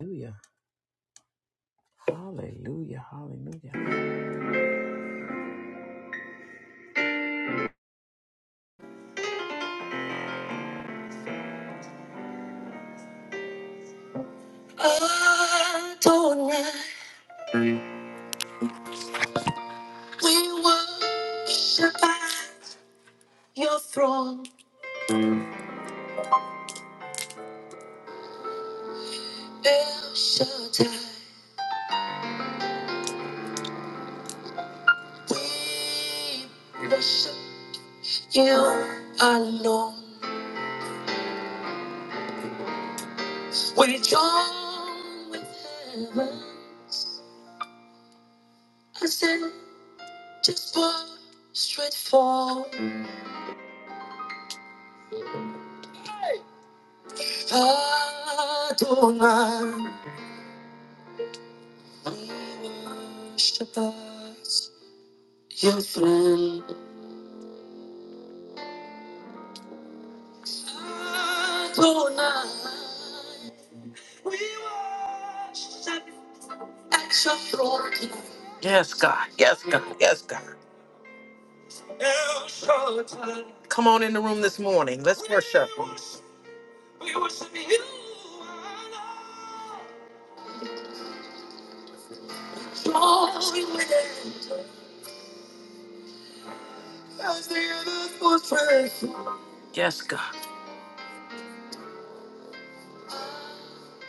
Hallelujah. Hallelujah. Hallelujah. Adonai, we worship at your throne. El Shaddai, we worship you alone. We join with heaven as in just straight for Adonai. We worship at your throne. Adonai, we worship at your throne tonight. Yes, God. Yes, God. Yes, God. El Shaddai. Come on in the room this morning. Let's We worship. worship- We worship you. alone. Joy with angels as the earth was first. Yes, God.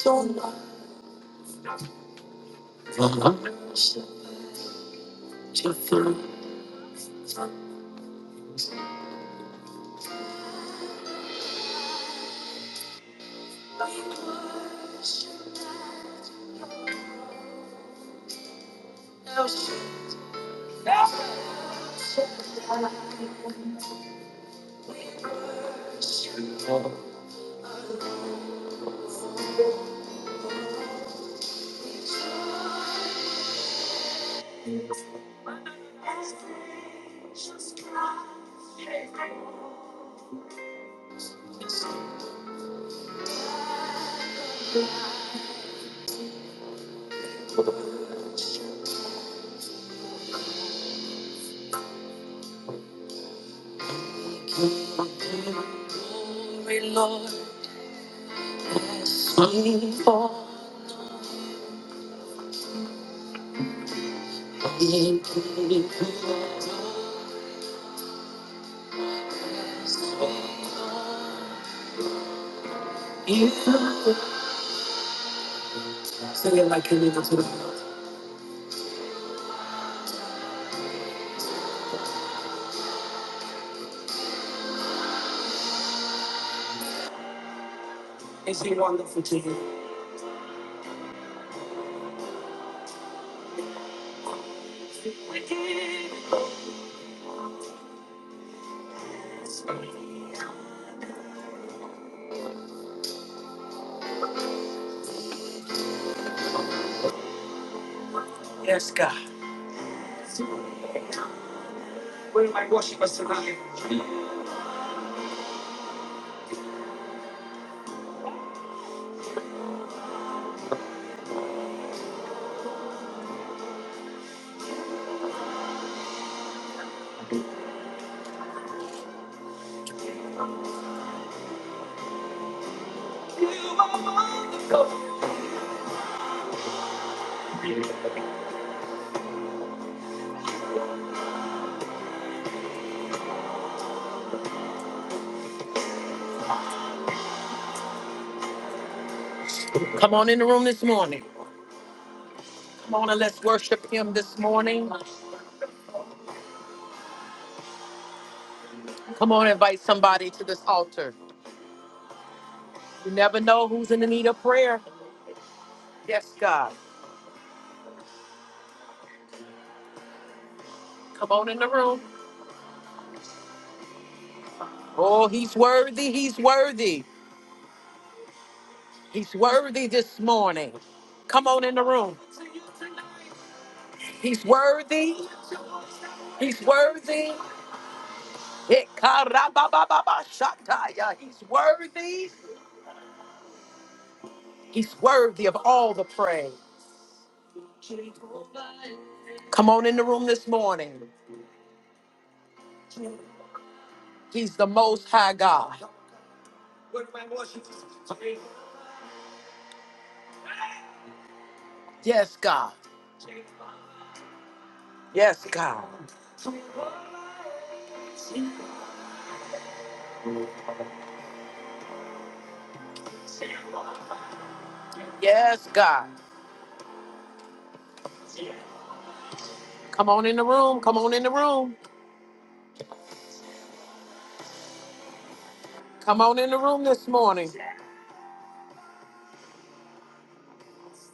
Don't worship. We worship El Shaddai. Glory, Lord, has come forth. In You sing it like you mean it to the world. Is he wonderful to you? Yes, God. Where my worship us tonight? Come on in the room this morning. Come on and let's worship him this morning. Come on, invite somebody to this altar. You never know who's in the need of prayer. Yes, God. Come on in the room. Oh, he's worthy. He's worthy. He's worthy this morning. Come on in the room. He's worthy. He's worthy. Ikarabababashataya. He's worthy. He's worthy of all the praise. Come on in the room this morning. He's the most high God. Yes, God. Yes, God. Yes, God. Come on in the room. Come on in the room. Come on in the room this morning.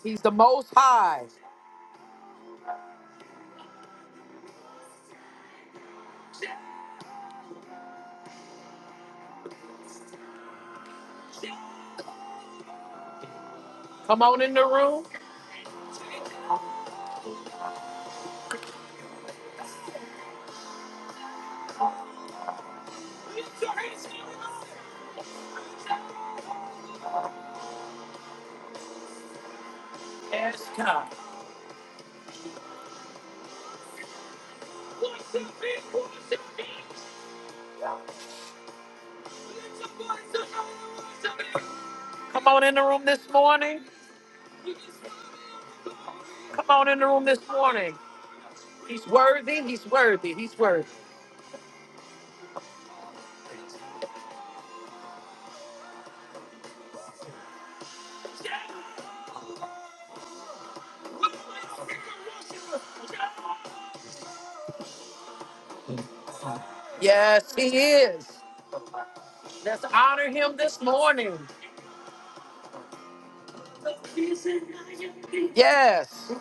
He's the most high. Come on in the room. Yes, God. Come on in the room this morning. Come on in the room this morning. He's worthy. He's worthy. He's worthy. Yes, he is. Let's honor him this morning. Yes.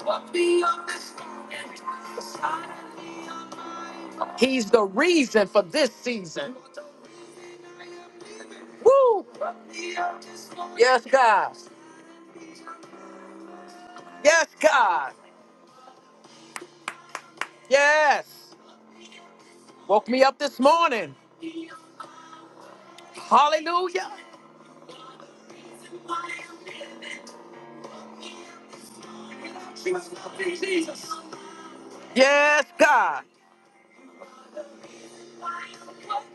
He's the reason for this season. Woo! Yes, God. Yes, God. Yes. Woke me up this morning. Hallelujah. Yes, God.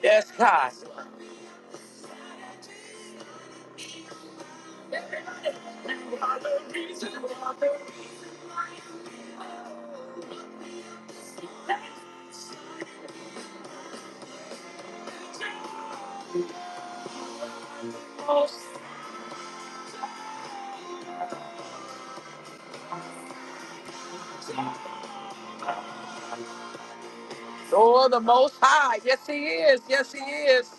Yes, God. Oh, the Most High. Yes, He is. Yes, He is.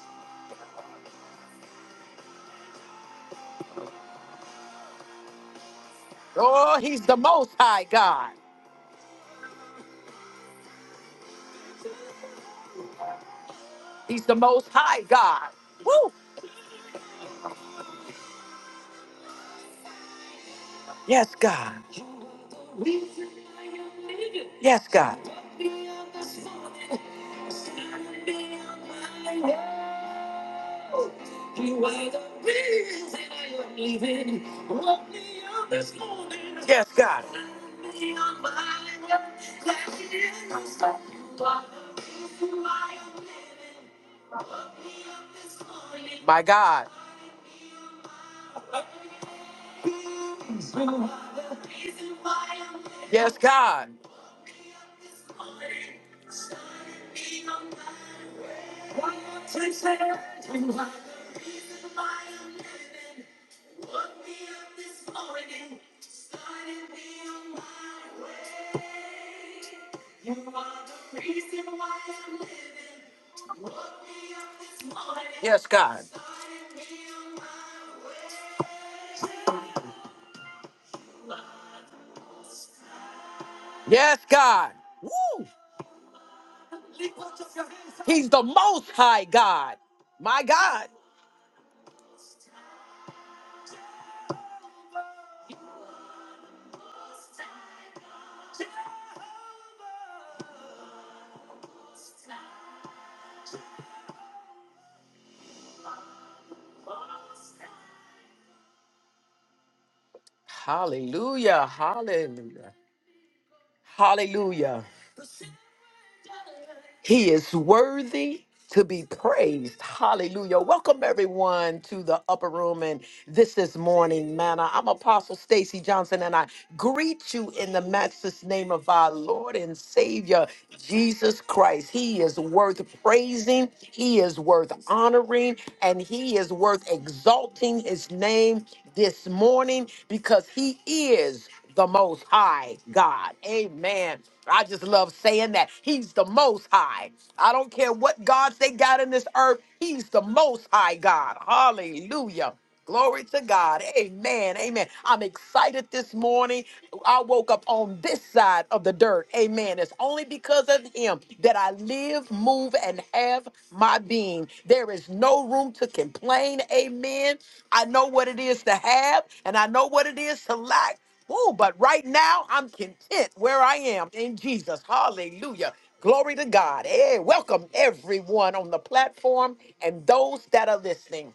Oh, He's the Most High God. He's the Most High God. Woo. Yes, God. Yes, God. Yes, God. my way. Flashing My God. Yes, God. Yes, God. Yes, God. Woo! He's the most high God. My God. Hallelujah. Hallelujah. Hallelujah. He is worthy to be praised. Hallelujah. Welcome everyone to the upper room and this is morning manna. I'm Apostle Stacy Johnson and I greet you in the matchless name of our Lord and Savior Jesus Christ. He is worth praising, he is worth honoring, and he is worth exalting his name this morning because he is the most high God. Amen. I just love saying that. He's the most high. I don't care what gods they got in this earth, he's the most high God. Hallelujah. Glory to God. Amen. Amen. I'm excited this morning. I woke up on this side of the dirt. Amen. It's only because of him that I live, move, and have my being. There is no room to complain. Amen. I know what it is to have, and I know what it is to lack. Oh, but right now I'm content where I am in Jesus. Hallelujah. Glory to God. Hey, welcome everyone on the platform and those that are listening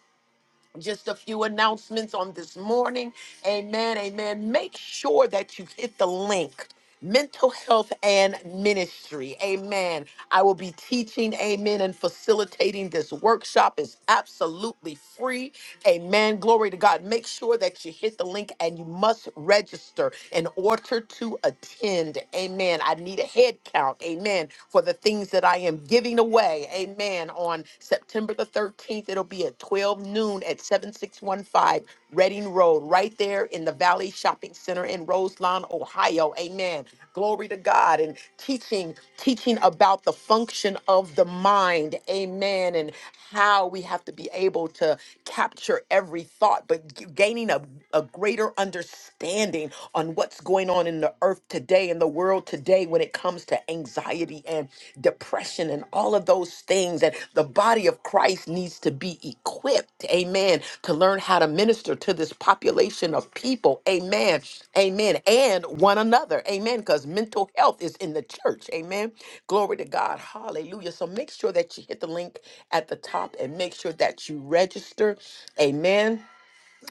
just a few announcements on this morning. Amen. Amen. Make sure that you hit the link. Mental health and ministry. Amen. I will be teaching, amen, and facilitating this workshop. It's absolutely free. Amen. Glory to God. Make sure that you hit the link and you must register in order to attend. Amen. I need a head count. Amen. For the things that I am giving giving away. Amen. On September the 13th, it'll be at 12 noon at 7615 Reading Road, right there in the Valley Shopping Center in Roselawn, Ohio. Amen. Glory to God. And teaching, teaching about the function of the mind. Amen. And how we have to be able to capture every thought, but g- gaining a, a greater understanding on what's going on in the the earth today in the world today when it comes to anxiety and depression and all of those things. And the body of Christ needs to be equipped, amen, to learn how to minister to this population of people, amen, amen, and one another, amen, because mental health is in the church, amen. Glory to God, hallelujah. So make sure that you hit the link at the top and make sure that you register, amen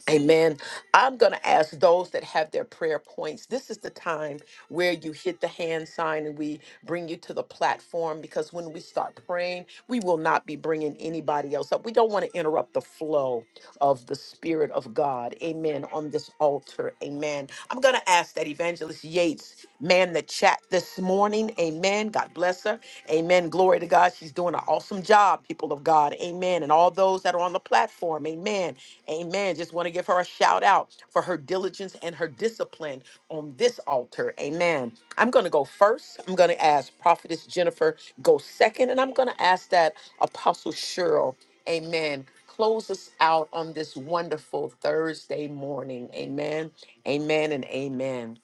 Amen. I'm going to ask those that have their prayer points. This is the time where you hit the hand sign and we bring you to the platform because when we start praying, we will not be bringing anybody else up. We don't want to interrupt the flow of the Spirit of God. Amen. On this altar. Amen. I'm going to ask that Evangelist Yates man the chat this morning. Amen. God bless her. Amen. Glory to God. She's doing an awesome job, people of God. Amen. And all those that are on the platform. Amen. Amen. Just want to give her a shout out for her diligence and her discipline on this altar. Amen. I'm going to go first. I'm going to ask Prophetess Jennifer go second. And I'm going to ask that Apostle Cheryl. Amen. Close us out on this wonderful Thursday morning. Amen. Amen and amen.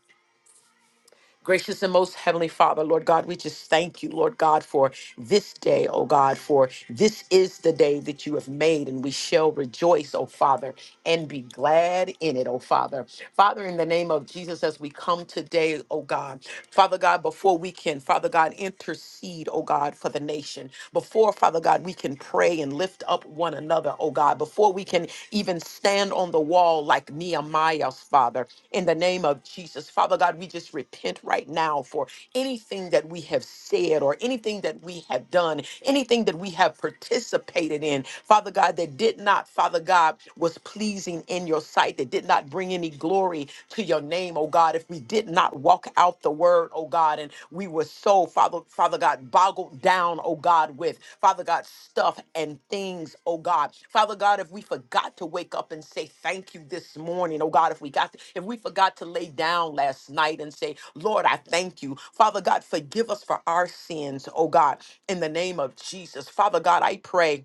Gracious and most heavenly Father, Lord God, we just thank you, Lord God, for this day, oh God, for this is the day that you have made, and we shall rejoice, oh Father, and be glad in it, oh Father. Father, in the name of Jesus, as we come today, oh God, Father God, before we can, Father God, intercede, oh God, for the nation, before, Father God, we can pray and lift up one another, oh God, before we can even stand on the wall like Nehemiah, Father, in the name of Jesus. Father God, we just repent right now for anything that we have said or anything that we have done, anything that we have participated in, Father God, that did not, Father God, was pleasing in your sight, that did not bring any glory to your name, oh God, if we did not not walk out the word, oh God. And we were so, Father, Father God, boggled down, oh God, with Father God, stuff and things, oh God. Father God, if we forgot to wake up and say thank you this morning, oh God, if we got if we forgot to lay down last night and say, Lord, I thank you. Father God, forgive us for our sins, oh God, in the name of Jesus. Father God, I pray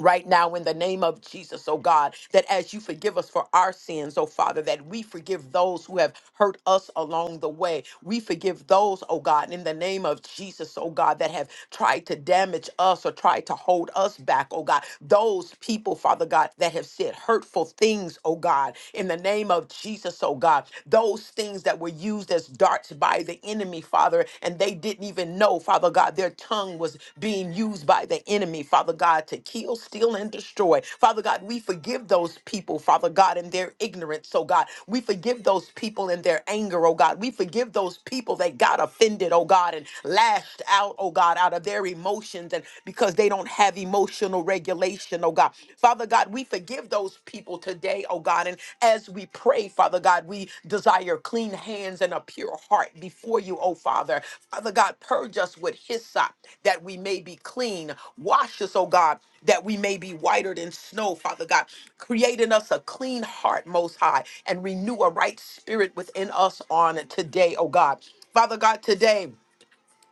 right now in the name of Jesus, oh God, that as you forgive us for our sins, oh Father, that we forgive those who have hurt us along the way. We forgive those, oh God, in the name of Jesus, oh God, that have tried to damage us or tried to hold us back, oh God. Those people, Father God, that have said hurtful things, oh God, in the name of Jesus, oh God. Those things that were used as darts by by the enemy, Father, and they didn't even know, Father God, their tongue was being used by the enemy, Father God, to kill, steal, and destroy. Father God, we forgive those people, Father God, in their ignorance, oh God. We forgive those people in their anger, oh God. We forgive those people that got offended, oh God, and lashed out, oh God, out of their emotions and because they don't have emotional regulation, oh God. Father God, God, we forgive those people today, oh God. And as we pray, Father God, we desire clean hands and a pure heart before you, oh Father. Father God, purge us with hyssop that we may be clean. Wash us, oh God, that we may be whiter than snow, Father God. Create in us a clean heart, Most High, and renew a right spirit within us on today, oh God. Father God, today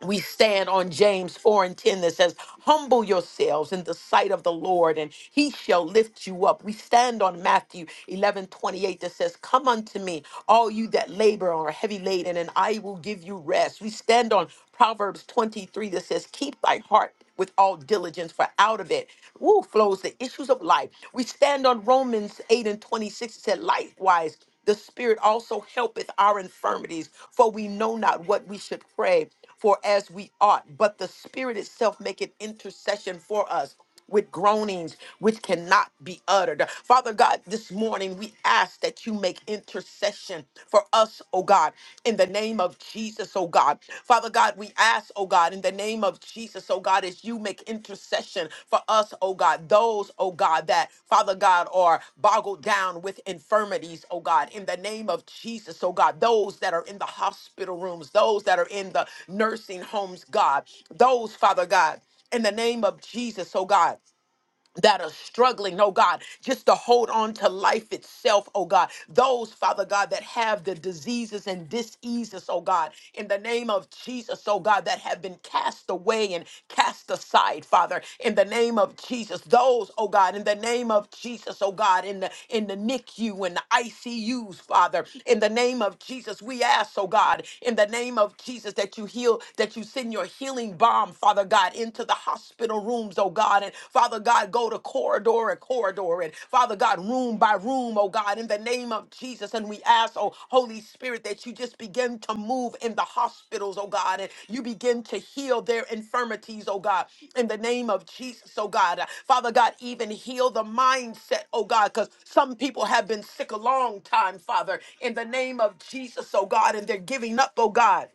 we stand on James 4 and 10 that says, Humble yourselves in the sight of the Lord, and he shall lift you up. We stand on Matthew 11 28 that says, Come unto me, all you that labor and are heavy laden, and I will give you rest. We stand on Proverbs 23 that says, Keep thy heart with all diligence, for out of it woo, flows the issues of life. We stand on Romans 8 and 26. It said, likewise, the Spirit also helpeth our infirmities, for we know not what we should pray for as we ought, but the Spirit itself maketh intercession for us with groanings which cannot be uttered. Father God, this morning we ask that you make intercession for us, oh God, in the name of Jesus, oh God. Father God, we ask, oh God, in the name of Jesus, oh God, as you make intercession for us, oh God, those, oh God, that, Father God, are boggled down with infirmities, oh God, in the name of Jesus, oh God, those that are in the hospital rooms, those that are in the nursing homes, God, those, Father God in the name of Jesus, oh God. That are struggling, oh God, just to hold on to life itself, oh God. Those, Father God, that have the diseases and diseases, oh God, in the name of Jesus, oh God, that have been cast away and cast aside, Father, in the name of Jesus. Those, oh God, in the name of Jesus, oh God, in the in the NICU and the ICUs, Father, in the name of Jesus, we ask, oh God, in the name of Jesus, that you heal, that you send your healing bomb, Father God. God, into the hospital rooms, oh God. And Father God, go to corridor and corridor and Father God, room by room, oh God, in the name of Jesus. And we ask, oh Holy Spirit, that you just begin to move in the hospitals, oh God, and you begin to heal their infirmities, oh God, in the name of Jesus, oh God. Father God, even heal the mindset, oh God, because some people have been sick a long time, Father, in the name of Jesus, oh God, and they're giving up, oh God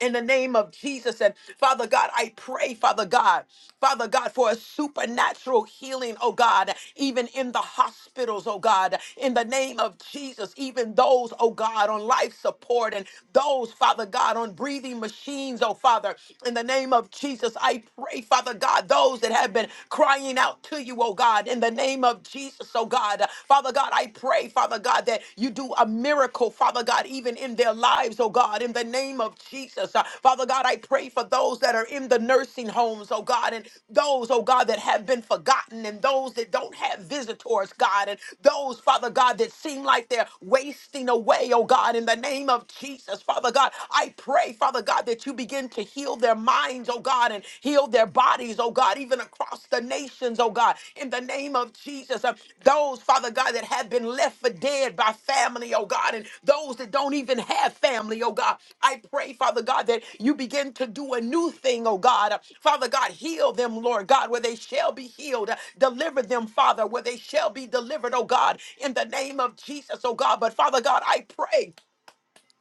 in the name of Jesus. And Father God, I pray, Father God, Father God, for a supernatural healing, oh God, even in the hospitals, oh God, in the name of Jesus, even those, oh God, on life support and those, Father God, on breathing machines, oh Father, in the name of Jesus, I pray, Father God, those that have been crying out to you, oh God, in the name of Jesus, oh God, Father God. God. I pray, Father God, that you do a miracle, Father God, even in their lives, oh God, in the name of Jesus. Uh, Father God, I pray for those that are in the nursing homes, oh God, and those, oh God, that have been forgotten, and those that don't have visitors, God, and those, Father God, that seem like they're wasting away, oh God, in the name of Jesus, Father God, I pray, Father God, that you begin to heal their minds, oh God, and heal heal their bodies, oh God, even across the nations, oh God, in the name of Jesus. Uh, those, Father God, that have been left for dead by family, oh God, and those that don't even have family, oh God, I pray, Father God, that you begin to do a new thing, oh God. Uh, Father God, heal them, Lord God, where they shall be healed. Uh, deliver them, Father, where they shall be delivered, oh God, in the name of Jesus, oh God. But Father God, I pray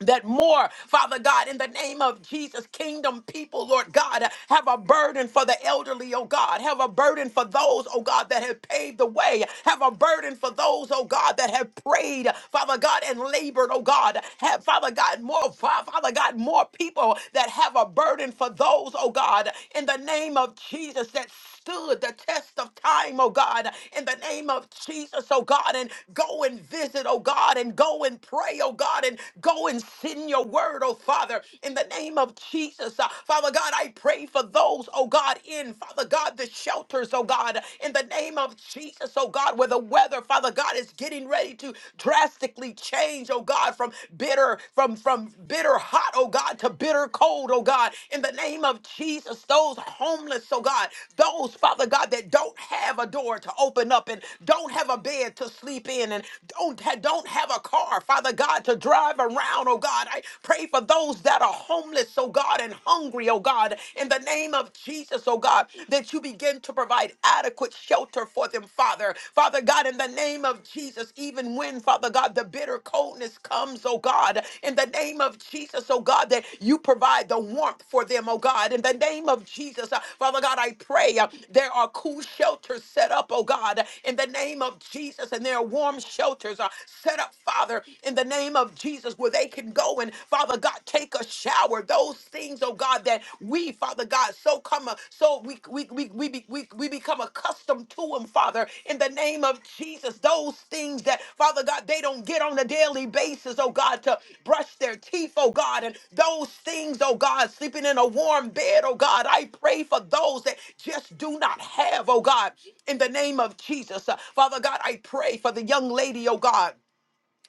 that more, Father God, in the name of Jesus, kingdom people, Lord God, have a burden for the elderly, oh God, have a burden for those, oh God, that have paved the way, have a burden for those, oh God, that have prayed, Father God, and labored, oh God, have, Father God, more, Fa- Father God, more people that have a burden for those, oh God, in the name of Jesus, that stood the test of time, oh God, in the name of Jesus, oh God, and go and visit, oh God, and go and pray, oh God, and go and send your word, oh Father, in the name of Jesus. Uh, Father God, I pray for those, oh God, in, Father God, the shelters, oh God, in the name of Jesus, oh God, where the weather, Father God, is getting ready to drastically change, oh God, from bitter, from, from from bitter hot, oh God, to bitter cold, oh God. In the name of Jesus, those homeless, oh God, those, Father God, that don't have a door to open up and don't have a bed to sleep in and don't, ha- don't have a car, Father God, to drive around, oh God. I pray for those that are homeless, oh God, and hungry, oh God. In the name of Jesus, oh God, that you begin to provide adequate shelter for them, Father water. Father God, in the name of Jesus, even when, Father God, the bitter coldness comes, oh God, in the name of Jesus, oh God, that you provide the warmth for them, oh God. In the name of Jesus, uh, Father God, I pray uh, there are cool shelters set up, oh God, in the name of Jesus, and there are warm shelters uh, set up, Father, in the name of Jesus, where they can go and, Father God, take a shower. Those things, oh God. God, that we, Father God, so come, so we we we we, be- we, we become accustomed to them, Father, in the name of Jesus. Those things that, Father God, they don't get on a daily basis, oh God, to brush their teeth, oh God, and those things, oh God, sleeping in a warm bed, oh God. I pray for those that just do not have, oh God, in the name of Jesus. Uh, Father God, I pray for the young lady, oh God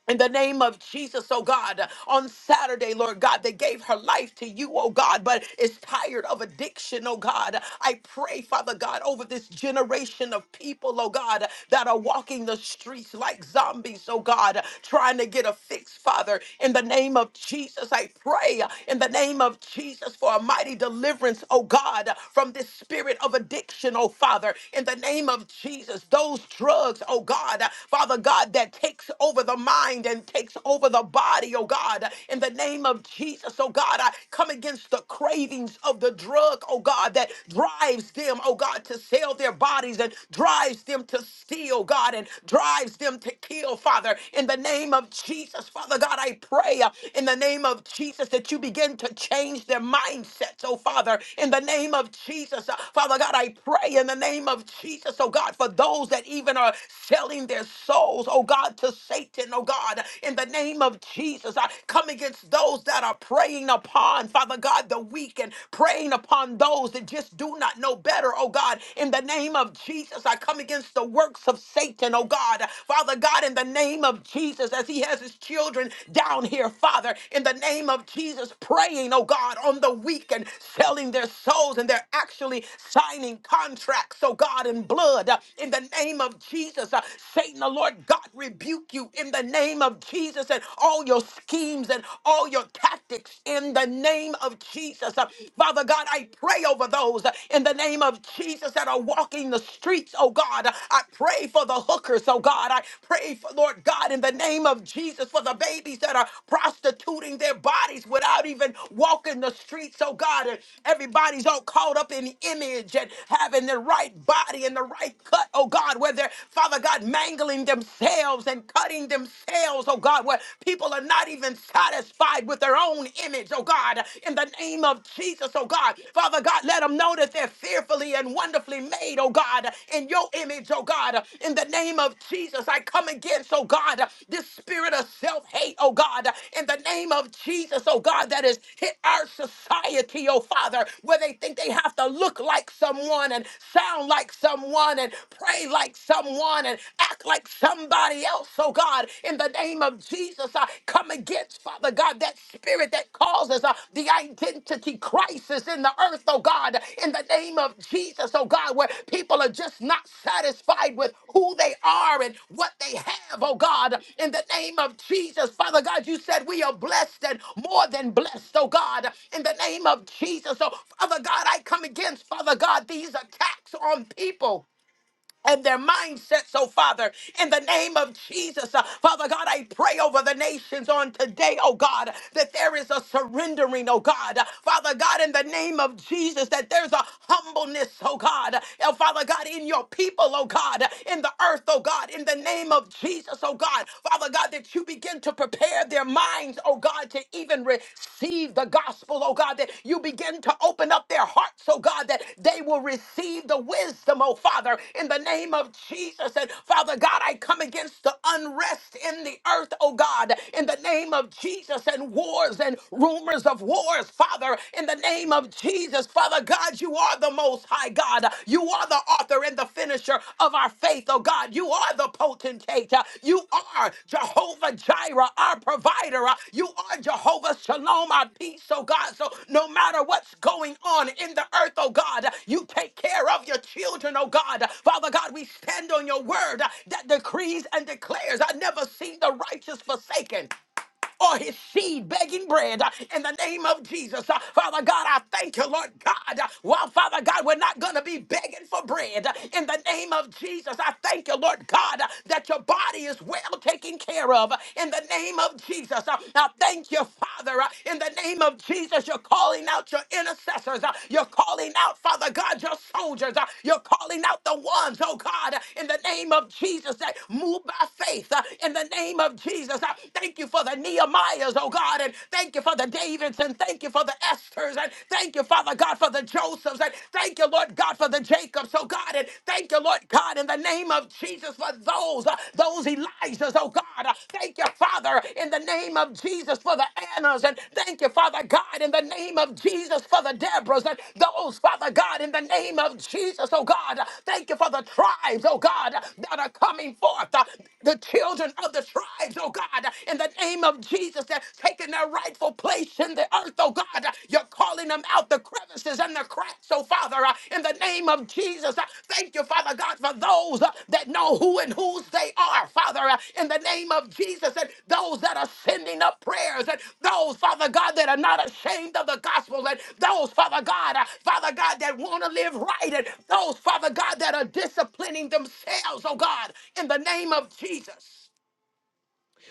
in the name of Jesus, oh God, on Saturday, Lord God, they gave her life to you, oh God, but is tired of addiction, oh God. I pray, Father God, over this generation of people, oh God, that are walking the streets like zombies, oh God, trying to get a fix, Father. In the name of Jesus, I pray in the name of Jesus for a mighty deliverance, oh God, from this spirit of addiction, oh Father. In the name of Jesus, those drugs, oh God, Father God, that takes over the mind and takes over the body, oh God. In the name of Jesus, oh God, I come against the cravings of the drug, oh God, that drives them, oh God, to sell their bodies and drives them to steal, God, and drives them to kill, Father. In the name of Jesus, Father God, I pray uh, in the name of Jesus that you begin to change their mindsets, oh Father. In the name of Jesus, uh, Father God, I pray in the name of Jesus, oh God, for those that even are selling their souls, those, oh God, to Satan, oh God, in the name of Jesus. I come against those that are preying upon, Father God, the weak and preying upon those that just do not know better, oh God, in the name of Jesus. I come against the works of Satan, oh God, Father God, in the name of Jesus, as he has his children down here, Father, in the name of Jesus, praying, oh God, on the weak and selling their souls and they're actually signing contracts, oh God, in blood, uh, in the name of Jesus. Uh, Satan, the Lord God, rebuke you in the name of Jesus and all your schemes and all your tactics in the name of Jesus. Uh, Father God, I pray over those uh, in the name of Jesus that are walking the streets, oh God. Uh, I pray for the hookers, oh God. I pray for, Lord God, in the name of Jesus, for the babies that are prostituting their bodies without even walking the streets, oh God. And everybody's all caught up in image and having the right body and the right cut, oh God, where they're Father God, mangling themselves and cutting themselves, oh God, where people are not even satisfied with their own image, oh God, in the name of Jesus, oh God. Father God, let them know that they're fearfully and wonderfully made, oh God, in your image, oh God, in the name of Jesus. I come against, oh God, this spirit of self hate, oh God, in the name of Jesus, oh God, that has hit our society, oh Father, where they think they have to look like someone and sound like someone and praise pray like someone and act like somebody else, oh God, in the name of Jesus. I come against, Father God, that spirit that causes uh, the identity crisis in the earth, oh God, in the name of Jesus, oh God, where people are just not satisfied with who they are and what they have, oh God, in the name of Jesus. Father God, you said we are blessed and more than blessed, oh God, in the name of Jesus. So, Father God, I come against, Father God, these attacks on people and their mindsets, oh Father, in the name of Jesus. Uh, Father God, I pray over the nations on today, oh God, that there is a surrendering, oh God. Uh, Father God, in the name of Jesus, that there's a humbleness, oh God. Oh Father God, in your people, oh God, in the earth, oh God, in the name of Jesus, oh God. Father God, that you begin to prepare their minds, oh God to even receive the gospel, oh God, that you begin to open up their hearts, oh God, that they will receive the wisdom, oh Father, in the name of Jesus. And Father God, I come against the unrest in the earth, oh God, in the name of Jesus, and wars and rumors of wars, Father, in the name of Jesus. Father God, you are the most high God. You are the are the author and the finisher of our faith, oh God. You are the potentate. Uh, You are Jehovah Jireh, our provider. Uh, You are Jehovah Shalom, our peace, oh God. So no matter what's going on in the earth, oh God, uh, you take care of your children, oh God. Uh, Father God, we stand on your word uh, that decrees and declares, I never seen the righteous forsaken or his seed begging bread uh, in the name of Jesus. Uh, Father God, I thank you, Lord God. Uh, Well, Father God, we're not going to be begging for bread uh, in the name of Jesus. I thank you, Lord God, uh, that your body is well taken care of uh, in the name of Jesus. Uh, I thank you, Father, uh, in the name of Jesus. You're calling out your intercessors. Uh, You're calling out, Father God, your soldiers. Uh, You're calling out the ones, oh God, uh, in the name of Jesus that move by faith uh, in the name of Jesus. Jesus. Thank you for the Nehemiahs, oh God, and thank you for the Davids, and thank you for the Esthers, and thank you, Father God, for the Josephs, and thank you, Lord God, for the Jacobs, oh God, and thank you, Lord God, in the name of Jesus for those, uh, those Elijahs, oh God. Uh, thank you, Father, in the name of Jesus for the Annas, and thank you, Father God, in the name of Jesus for the Deborahs, and those, Father God, in the name of Jesus, oh God. Uh, thank you for the tribes, oh God, uh, that are coming forth, uh, the children of the tribes, lives, oh God, in the name of Jesus. They're taking their rightful place in the earth, oh God. You're calling them out the crevices and the cracks, oh Father, uh, in the name of Jesus. Uh, Thank you, Father God, for those uh, that know who and whose they are, Father, uh, in the name of Jesus, and those that are sending up prayers, and those, Father God, that are not ashamed of the gospel, and those, Father God, uh, Father God, that want to live right, and those, Father God, that are disciplining themselves, oh God, in the name of Jesus.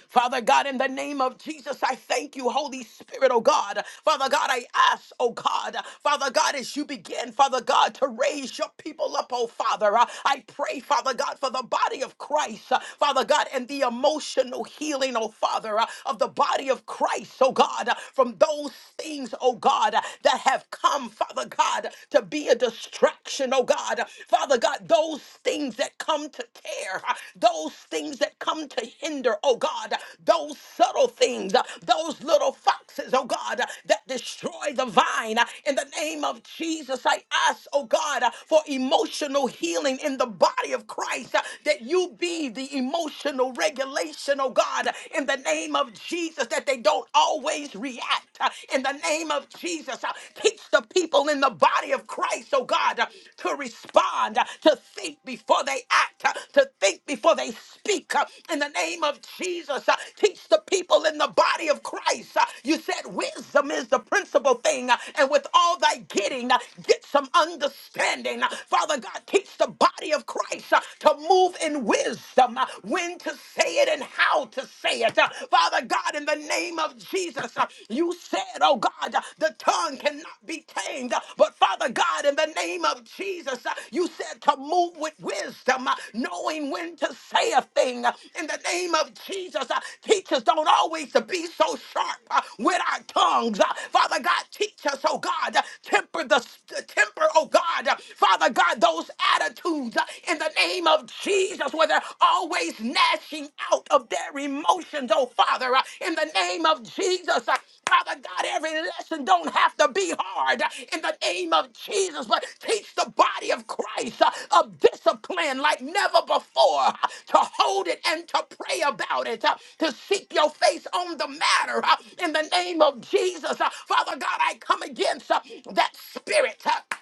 Father God, in the name of Jesus, I thank you, Holy Spirit, oh God. Father God, I ask, oh God, Father God, as you begin, Father God, to raise your people up, oh Father, uh, I pray, Father God, for the body of Christ, uh, Father God, and the emotional healing, oh Father, uh, of the body of Christ, oh God, uh, from those things, oh God, uh, that have come, Father God, to be a distraction, oh God. Father God, those things that come to tear, those things that come to hinder, oh God, those subtle things, those little foxes, oh God, that destroy the vine. In the name of Jesus, I ask, oh God, for emotional healing in the body of Christ, that you be the emotional regulation, oh God, in the name of Jesus, that they don't always react. In the name of Jesus, teach the the people in the body of Christ, oh God, uh, to respond, uh, to think before they act, uh, to think before they speak. uh, In the name of Jesus, uh, teach the people in the body of Christ. uh, You said wisdom is the principal thing, uh, and with all thy getting, uh, get some understanding. Uh, Father God, teach the body of Christ uh, to move in wisdom, uh, when to say it and how to say it. Uh, Father God, God, in the name of Jesus, uh, you said, oh God, uh, the tongue cannot be tamed. Uh, But Father God, in the name of Jesus, uh, you said to move with wisdom, uh, knowing when to say a thing. Uh, In the name of Jesus, uh, teach us don't always to be so sharp uh, with our tongues. Uh, Father God, teach us, oh God, uh, temper the temper, oh God. Uh, Father God, those attitudes uh, in the name of Jesus. Jesus, where they're always gnashing out of their emotions, oh Father, uh, in the name of Jesus. uh, Father God, every lesson don't have to be hard uh, in the name of Jesus, but teach the body of Christ uh, of discipline like never before uh, to hold it and to pray about it, uh, to seek your face on the matter uh, in the name of Jesus. Uh, Father God, I come against uh, that spirit. uh,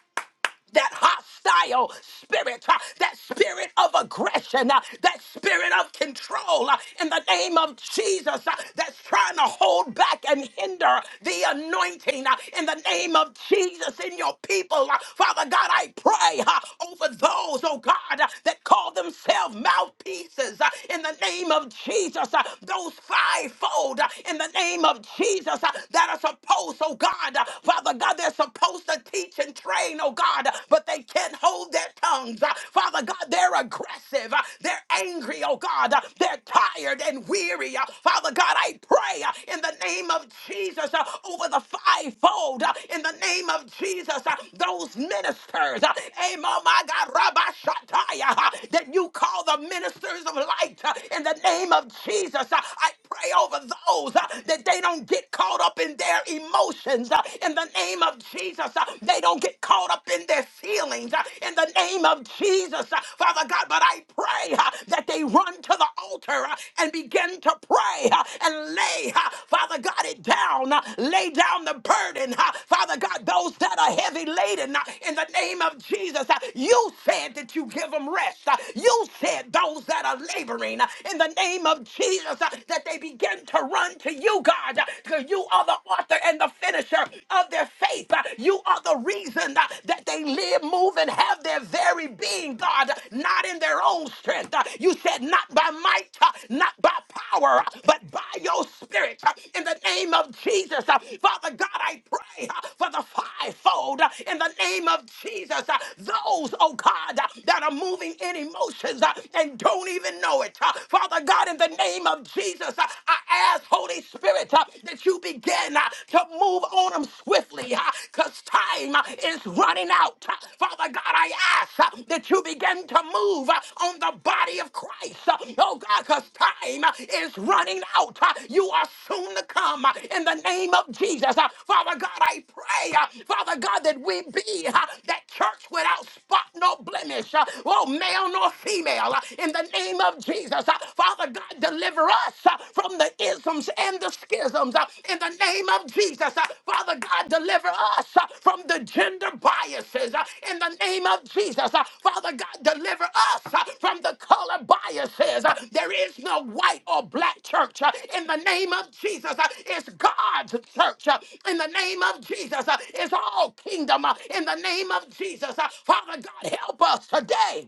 that hostile spirit, uh, that spirit of aggression, uh, that spirit of control uh, in the name of Jesus uh, that's trying to hold back and hinder the anointing uh, in the name of Jesus in your people. uh, Father God, I pray uh, over those, oh God, uh, that call themselves mouthpieces uh, in the name of Jesus, uh, those fivefold uh, in the name of Jesus uh, that are supposed, oh God, uh, Father God, they're supposed supposed to teach and train, oh God, but they can't hold their tongues. Uh, Father God, they're aggressive. Uh, They're angry, oh God. Uh, They're tired and weary. Uh, Father God, I pray uh, in the name of Jesus uh, over the fivefold. uh, In the name of Jesus, uh, those ministers, uh, amen, oh my God, Rabbi Shataya, uh, that you call the ministers of light. uh, In the name of Jesus, uh, I pray over those uh, that they don't get caught up in their emotions uh, in the name of Jesus. uh, They don't get caught up in their feelings uh, in the name of Jesus, uh, Father God. But I pray uh, that they run to the altar uh, and begin to pray uh, and lay, uh, Father God, it down. uh, Lay down the burden, uh, Father God, those that are heavy laden uh, in the name of Jesus. uh, You said that you give them rest. uh, You said those that are laboring uh, in the name of Jesus uh, that they begin to run to you you, God, because you are the author and the finisher of their faith. Uh, You are the reason uh, that they live, move, and have their very being, God, not in their own strength. Uh, You said, not by might, uh, not by power, uh, but by your spirit. Uh, In the name of Jesus, uh, Father God, I pray uh, for the fivefold. uh, In the name of Jesus, uh, those, oh God, uh, that are moving in emotions uh, and don't even know it. Uh, Father God, in the name of name of Jesus, uh, I ask, Holy Spirit, uh, that you begin uh, to move on them swiftly because time uh, is running out. Uh, Father God, I ask uh, that you begin to move uh, on the body of Christ. Uh, Oh God, because time uh, is running out. Uh, You are soon to come uh, in the name of Jesus. Uh, Father God, I pray, uh, Father God, that we be uh, that church without spot, no blemish, uh, oh, male nor female, uh, in the name name of Jesus. Uh, Father God, deliver us uh, from the isms and the schisms. uh, In the name of Jesus, Uh, Father God, deliver us uh, from the gender biases. uh, In the name of Jesus, Uh, Father God, deliver us uh, from the color biases. Uh, There is no white or black church. uh, In the name of Jesus, Uh, it's God's church. uh, In the name of Jesus, Uh, it's all kingdom. uh, In the name of Jesus, Uh, Father God, help us today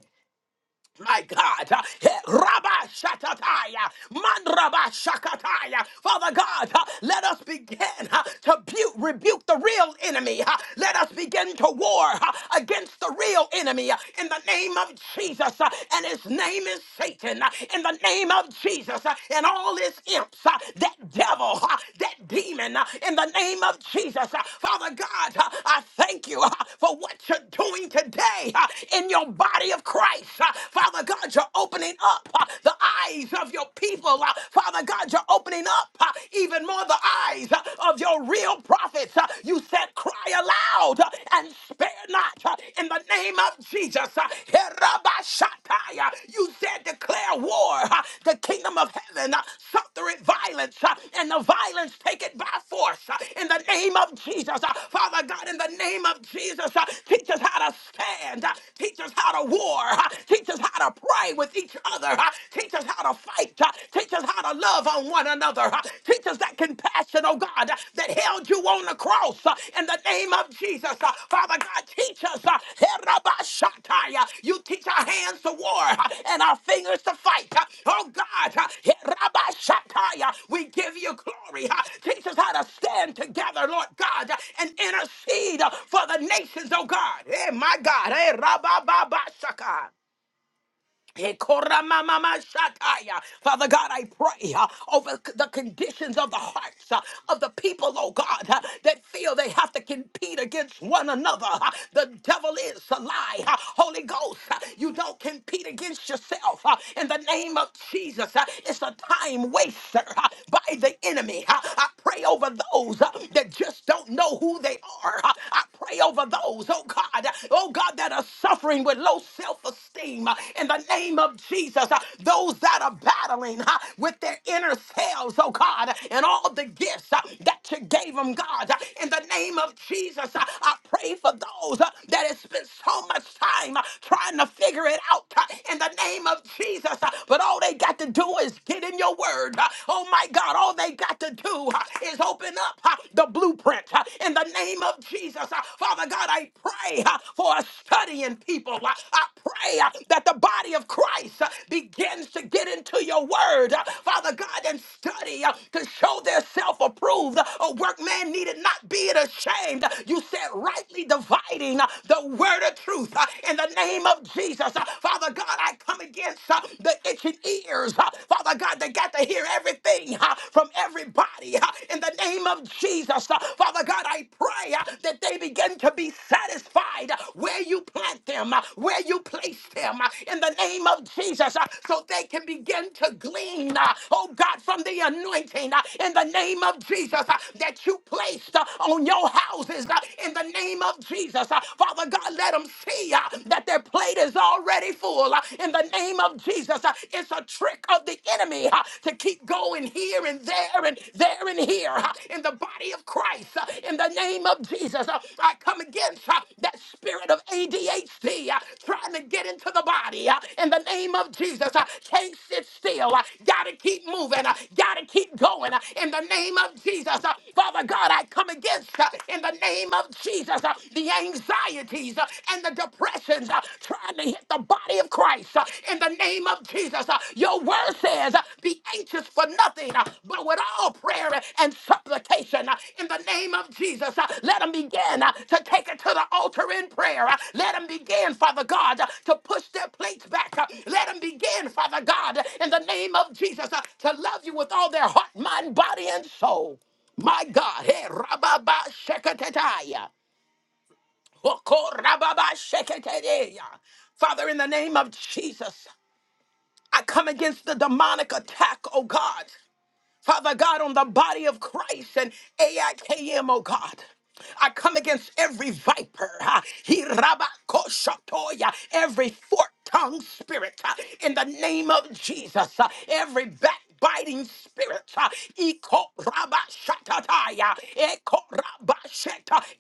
my God. Eh, Rabba Shakataya. Man Shakataya. Father God, uh, let us begin uh, to bu- rebuke the real enemy. uh, Let us begin to war uh, against the real enemy uh, in the name of Jesus. uh, And his name is Satan. uh, In the name of Jesus uh, and all his imps, uh, that devil, uh, that demon, uh, in the name of Jesus. uh, Father God, uh, I thank you uh, for what you're doing today uh, in your body of Christ. Father God, you're opening up uh, the eyes of your people. Uh, Father God, you're opening up uh, even more the eyes uh, of your real prophets. Uh, you said, cry aloud uh, and spare not uh, in the name of Jesus. Uh, Herabashatai, uh, you said, declare war. uh, the kingdom of heaven uh, suffereth violence, uh, and the violence take it by force. uh, in the name of Jesus, Uh, Father God, in the name of Jesus, uh, teach us how to stand. uh, teach us how to war. uh, Teach us how to pray with each other. huh? Teach us how to fight. huh? Teach us how to love on one another. huh? Teach us that compassion, oh God, uh, that held you on the cross uh, in the name of Jesus. uh, Father God, teach us. uh, Herabashatai, uh, You teach our hands to war uh, and our fingers to fight. uh, Oh God, uh, Herabashatai, uh, we give you glory. uh, Teach us how to stand together, Lord God, uh, and intercede uh, for the nations, oh God. Hey, my God. Hey, Rabababashaka. Ekoramamamashataya. Father God, I pray uh, over c- the conditions of the hearts uh, of the people, oh God, uh, that feel they have to compete against one another. Uh, The devil is a lie. Uh, Holy Ghost, uh, you don't compete against yourself. Uh, In the name of Jesus, uh, it's a time waster uh, by the enemy. Uh, I pray over those uh, that just don't know who they are. Uh, I pray over those, oh God. uh, oh God, that are suffering with low self esteem in the name of Jesus, uh, those that are battling uh, with their inner selves, oh God, and all the gifts uh, that you gave them, God, uh, in the name of Jesus, uh, I pray for those uh, that have spent so much time uh, trying to figure it out uh, in the name of Jesus, uh, but all they got to do is get in your word. uh, Oh my God, all they got to do uh, is open up uh, the blueprint. uh, in the name of Jesus. Uh, Father God, I pray uh, for a studying people. Uh, I pray uh, that the body of Christ uh, begins to get into your word, uh, Father God, and study uh, to show their self approved. Uh, A workman needed not be ashamed. You said rightly dividing uh, the word of truth uh, in the name of Jesus. Uh, Father God, I come against uh, the itching ears, uh, Father God, they got to hear everything uh, from everybody uh, in the name of Jesus. Uh, Father God, I pray uh, that they begin to be satisfied uh, where you plant them, uh, where you place them uh, in the name of Jesus, uh, so they can begin to glean, uh, oh God, from the anointing uh, in the name of Jesus uh, that you placed uh, on your houses uh, in the name of Jesus. Uh, Father God, let them see uh, that their plate is already full uh, in the name of Jesus. Uh, it's a trick of the enemy huh, to keep going here and there and there and here huh, in the body of Christ. huh, In the name of Jesus, huh, I come against huh, that spirit of ADHD huh, trying to get into the body. huh, In the name of Jesus, huh, can't sit still. huh, Gotta keep moving. huh, Gotta keep going. huh, In the name of Jesus, huh. Father God, I come against huh, in the name of Jesus uh, the anxieties uh, and the depressions. uh, uh, trying to hit the body of Christ uh, in the name of Jesus. Uh, Your word says, uh, Be anxious for nothing, uh, but with all prayer and supplication uh, in the name of Jesus. uh, Let them begin uh, to take it to the altar in prayer. Uh, Let them begin, Father God, uh, to push their plates back. Uh, Let them begin, Father God, uh, in the name of Jesus, uh, to love you with all their heart, mind, body, and soul. My God, hey, rababa shekatataya. Okorababasheketeya. Father, in the name of Jesus, I come against the demonic attack, oh God. Father God, on the body of Christ and AIKM, oh God. I come against every viper, ha, he every fork-tongued spirit, ha, in the name of Jesus, ha, every backbiting spirit, ha, iko rabba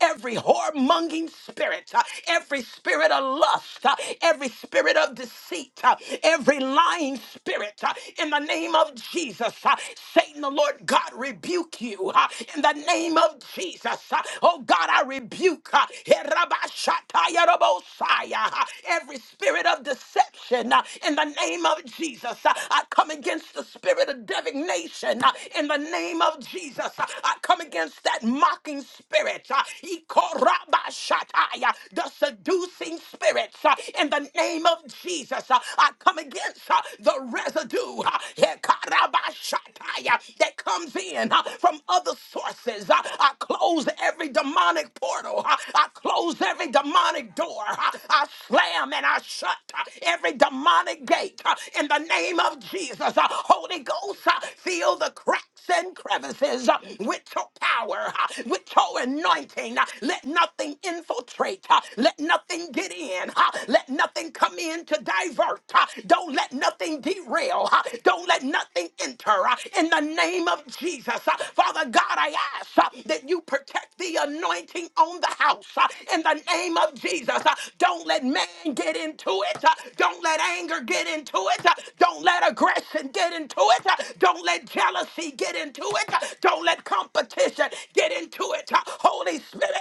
every whoremonging spirit, ha, every spirit of lust, ha, every spirit of deceit, ha, every lying spirit, uh, in the name of Jesus. uh, Satan, the Lord God, rebuke you uh, in the name of Jesus. uh, Oh God, I rebuke uh, Herabashatayarabosaya, uh, every spirit of deception uh, in the name of Jesus. uh, I come against the spirit of divination uh, in the name of Jesus. uh, I come against that mocking spirit, uh, Ikorabashataya, the seducing spirits uh, in the name of Jesus. Jesus, uh, I come against uh, the residue uh, hekarabashatai, uh, that comes in uh, from other sources. Uh, I close every demonic portal. Uh, I close every demonic door. Uh, I slam and I shut uh, every demonic gate uh, in the name of Jesus. Uh, Holy Ghost, uh, fill the cracks and crevices uh, with your power, uh, with your anointing. Uh, Let nothing infiltrate. uh, Let nothing get in. huh? Let nothing come in to divert. huh? Don't let nothing derail. huh? Don't let nothing enter. huh? In the name of Jesus, huh? Father God, I ask huh, that you protect the anointing on the house. huh? In the name of Jesus, huh? don't let man get into it. huh? Don't let anger get into it. huh? Don't let aggression get into it. huh? Don't let jealousy get into it. huh? Don't let competition get into it. huh? Holy Spirit,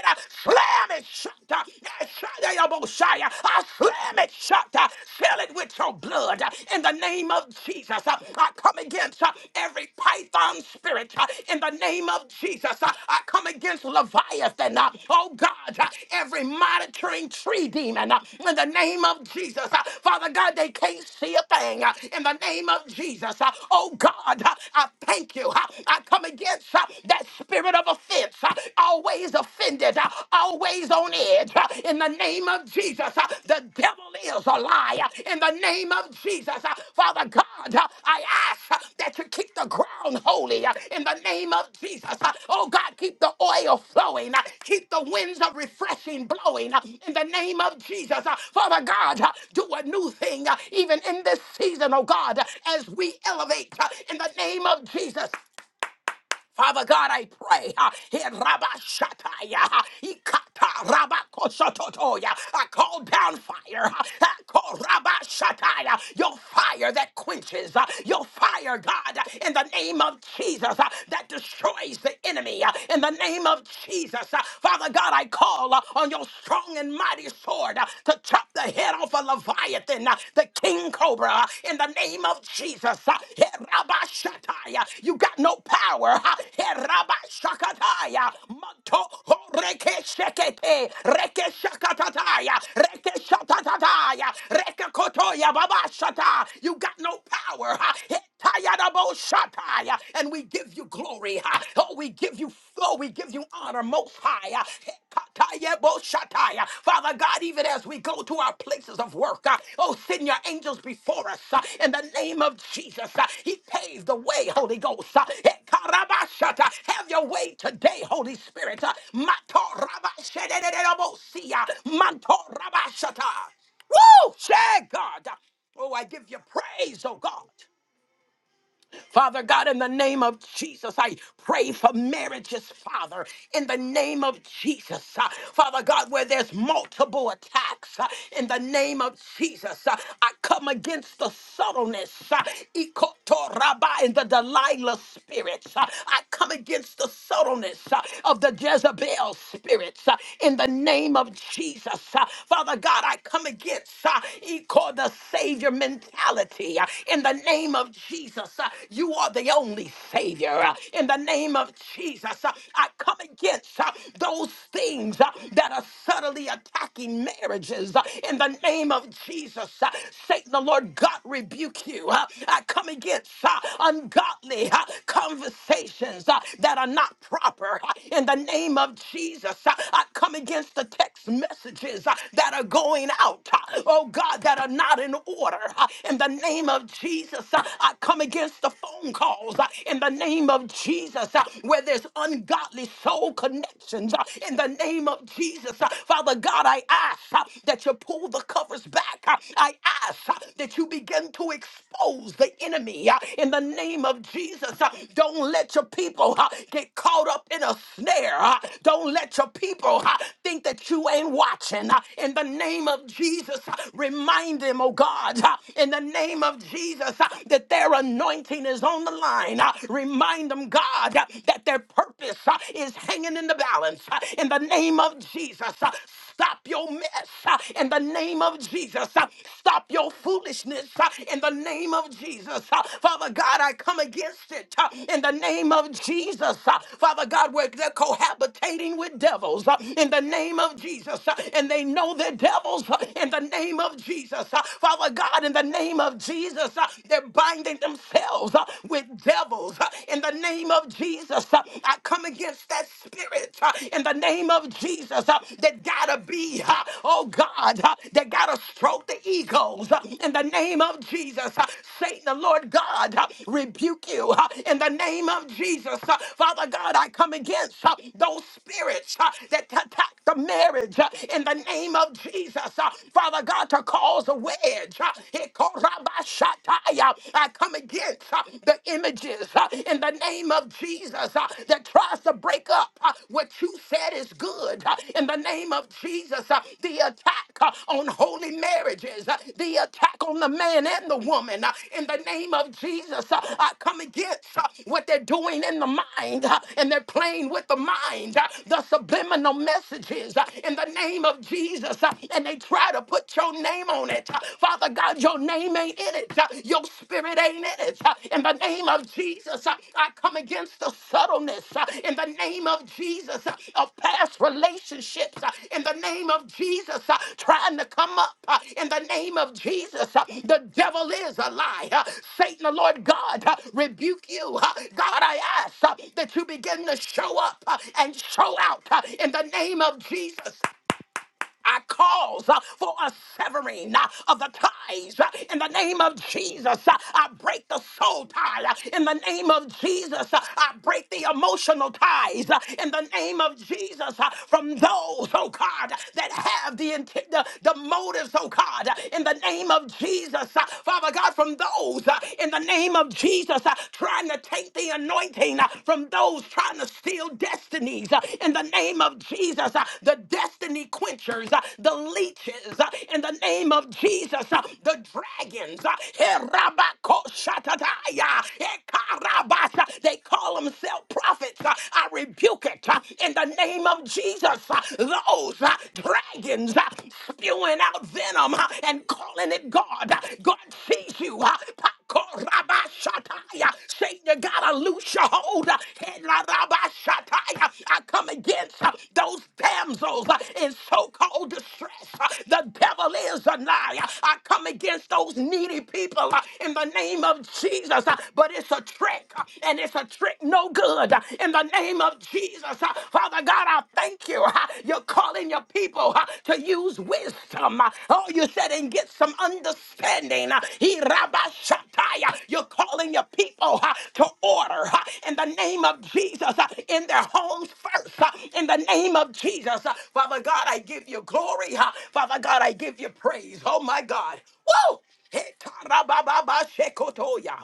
slam it shut. uh, Eshadayabosai, uh, I slam it shut. uh, Fill it with your blood uh, in the name of Jesus. uh, I come against uh, every python spirit uh, in the name of Jesus. uh, I come against Leviathan. uh, Oh God, uh, every monitoring tree demon uh, in the name of Jesus. Uh, Father God, they can't see a thing uh, in the name of Jesus. Uh, Oh God, uh, I thank you. Uh, I come against uh, that spirit of offense, uh, always offended, uh, always on edge. uh, In the name of Jesus, Uh, the devil is a liar. In the name name of Jesus. Uh, Father God, uh, I ask uh, that you keep the ground holy uh, in the name of Jesus. Uh, Oh God, keep the oil flowing. uh, Keep the winds of refreshing blowing uh, in the name of Jesus. Uh, Father God, uh, do a new thing uh, even in this season, oh God, uh, as we elevate uh, in the name of Jesus. Father God, I pray. ah, eh, Rabba Shataya, ah, Ikata Rabba Kosototoya. I call down fire. ah, I call Rabba Shataya, your fire that quenches, ah, your fire, God, ah, in the name of Jesus ah, that destroys the enemy. ah, In the name of Jesus, ah, Father God, I call ah, on your strong and mighty sword ah, to chop the head off a Leviathan the king cobra, in the name of Jesus. Herabashataya. You got no power. Herabashakataya. Manto horekeshekete. Rekeshakatataya. Rekeshatatataya. Rekekotoya babashata. You got no power. Hetayadaboshataya. And we give you glory. Oh, we give you, oh, we give you honor. Most High. uh, Uh, Father God, even as we go to our places of work, uh, oh, send your angels before us uh, in the name of Jesus. uh, He paved the way, Holy Ghost. uh, Have your way today, Holy Spirit. uh, Woo! Share God. Oh, I give you praise, oh God. Father God, in the name of Jesus, I pray for marriages, Father, in the name of Jesus. Uh, Father God, where there's multiple attacks, uh, in the name of Jesus, uh, I come against the subtleness, uh, ikotoraba, and the Delilah spirits. Uh, I come against the subtleness uh, of the Jezebel spirits, uh, in the name of Jesus. Uh, Father God, I come against uh, iko- the Savior mentality, uh, in the name of of Jesus, uh, you are the only Savior. uh, In the name of Jesus, uh, I come against uh, those things uh, that are subtly attacking marriages. uh, In the name of Jesus, uh, Satan, the Lord God, rebuke you. uh, I come against uh, ungodly uh, conversations uh, that are not proper. uh, In the name of Jesus, uh, I come against the text messages uh, that are going out. uh, Oh God, that are not in order. uh, In the name name of Jesus, uh, I come against the phone calls. uh, In the name of Jesus, uh, where there's ungodly soul connections. uh, In the name of Jesus, uh, Father God, I ask uh, that you pull the covers back. uh, I ask uh, that you begin to expose the enemy. uh, In the name of Jesus, uh, don't let your people uh, get caught up in a snare. uh, Don't let your people uh, think that you ain't watching. uh, In the name of Jesus, uh, remind them, oh God uh, in the name of Jesus uh, that their anointing is on the line. Uh, Remind them, God, uh, that their purpose uh, is hanging in the balance. Uh, In the name of Jesus, uh, stop your mess. Uh, In the name of Jesus, uh, stop your foolishness. Uh, In the name of Jesus, Uh, Father God, I come against it. Uh, In the name of Jesus, Uh, Father God, where they're cohabitating with devils. Uh, In the name of Jesus, Uh, and they know they're devils. Uh, In the name of Jesus. Jesus. Uh, Father God, in the name of Jesus, uh, they're binding themselves uh, with devils. Uh, In the name of Jesus, uh, I come against that spirit. uh, In the name of Jesus, uh, that gotta be, uh, oh God, uh, that gotta stroke the egos. Uh, In the name of Jesus, uh, Satan, the Lord God, uh, rebuke you. Uh, In the name of Jesus, uh, Father God, I come against uh, those spirits uh, that attack the marriage. Uh, In the name of Jesus, uh, Father God, to cause a wedge. uh, Ikorabashataya. I come against uh, the images uh, in the name of Jesus uh, that tries to break up uh, what you said is good. uh, In the name of Jesus, uh, the attack uh, on holy marriages, uh, the attack on the man and the woman. uh, In the name of Jesus, uh, I come against uh, what they're doing in the mind uh, and they're playing with the mind, uh, the subliminal messages. uh, In the name of Jesus. Jesus, uh, and they try to put your name on it. Uh, Father God, your name ain't in it. Uh, Your spirit ain't in it. Uh, In the name of Jesus, uh, I come against the subtleness. Uh, In the name of Jesus, uh, of past relationships. Uh, In the name of Jesus, uh, trying to come up. Uh, In the name of Jesus, uh, the devil is a lie. Uh, Satan, the Lord God, uh, rebuke you. Uh, God, I ask uh, that you begin to show up uh, and show out uh, in the name of Jesus. I cause uh, for a severing uh, of the ties uh, in the name of Jesus. Uh, I break the soul tie uh, in the name of Jesus. Uh, I break the emotional ties uh, in the name of Jesus uh, from those, oh God, that have the, intent, the, the motives, oh God, uh, in the name of Jesus. Uh, Father God, from those uh, in the name of Jesus uh, trying to take the anointing anointing uh, from those trying to steal destinies uh, in the name of Jesus, uh, the destiny quenchers, uh, the leeches uh, in the name of Jesus, uh, the dragons. uh, Herabakoshatadaya, Ekarabasa, They call themselves prophets. uh, I rebuke it uh, in the name of Jesus. uh, Those uh, dragons uh, spewing out venom uh, and calling it God. uh, God sees you. uh, Korabashataya. Satan, you gotta loose your hold. Helarabashataya. I come against uh, those damsels uh, in so-called distress. Uh, The devil is a liar. I come against those needy people uh, in the name of Jesus. Uh, But it's a trick, uh, and it's a trick no good. Uh, In the name of Jesus, uh, Father God, I thank you. Uh, you're calling your people uh, to use wisdom. uh, Oh, you said, and get some understanding. uh, he rabashataya. You're calling your people uh, to order uh, in the name of Jesus uh, in their homes first. uh, In the name of Jesus, uh, Father God, I give you glory. uh, Father God, I give you praise. Oh, my God. Woo! Hekarabababashekotoya.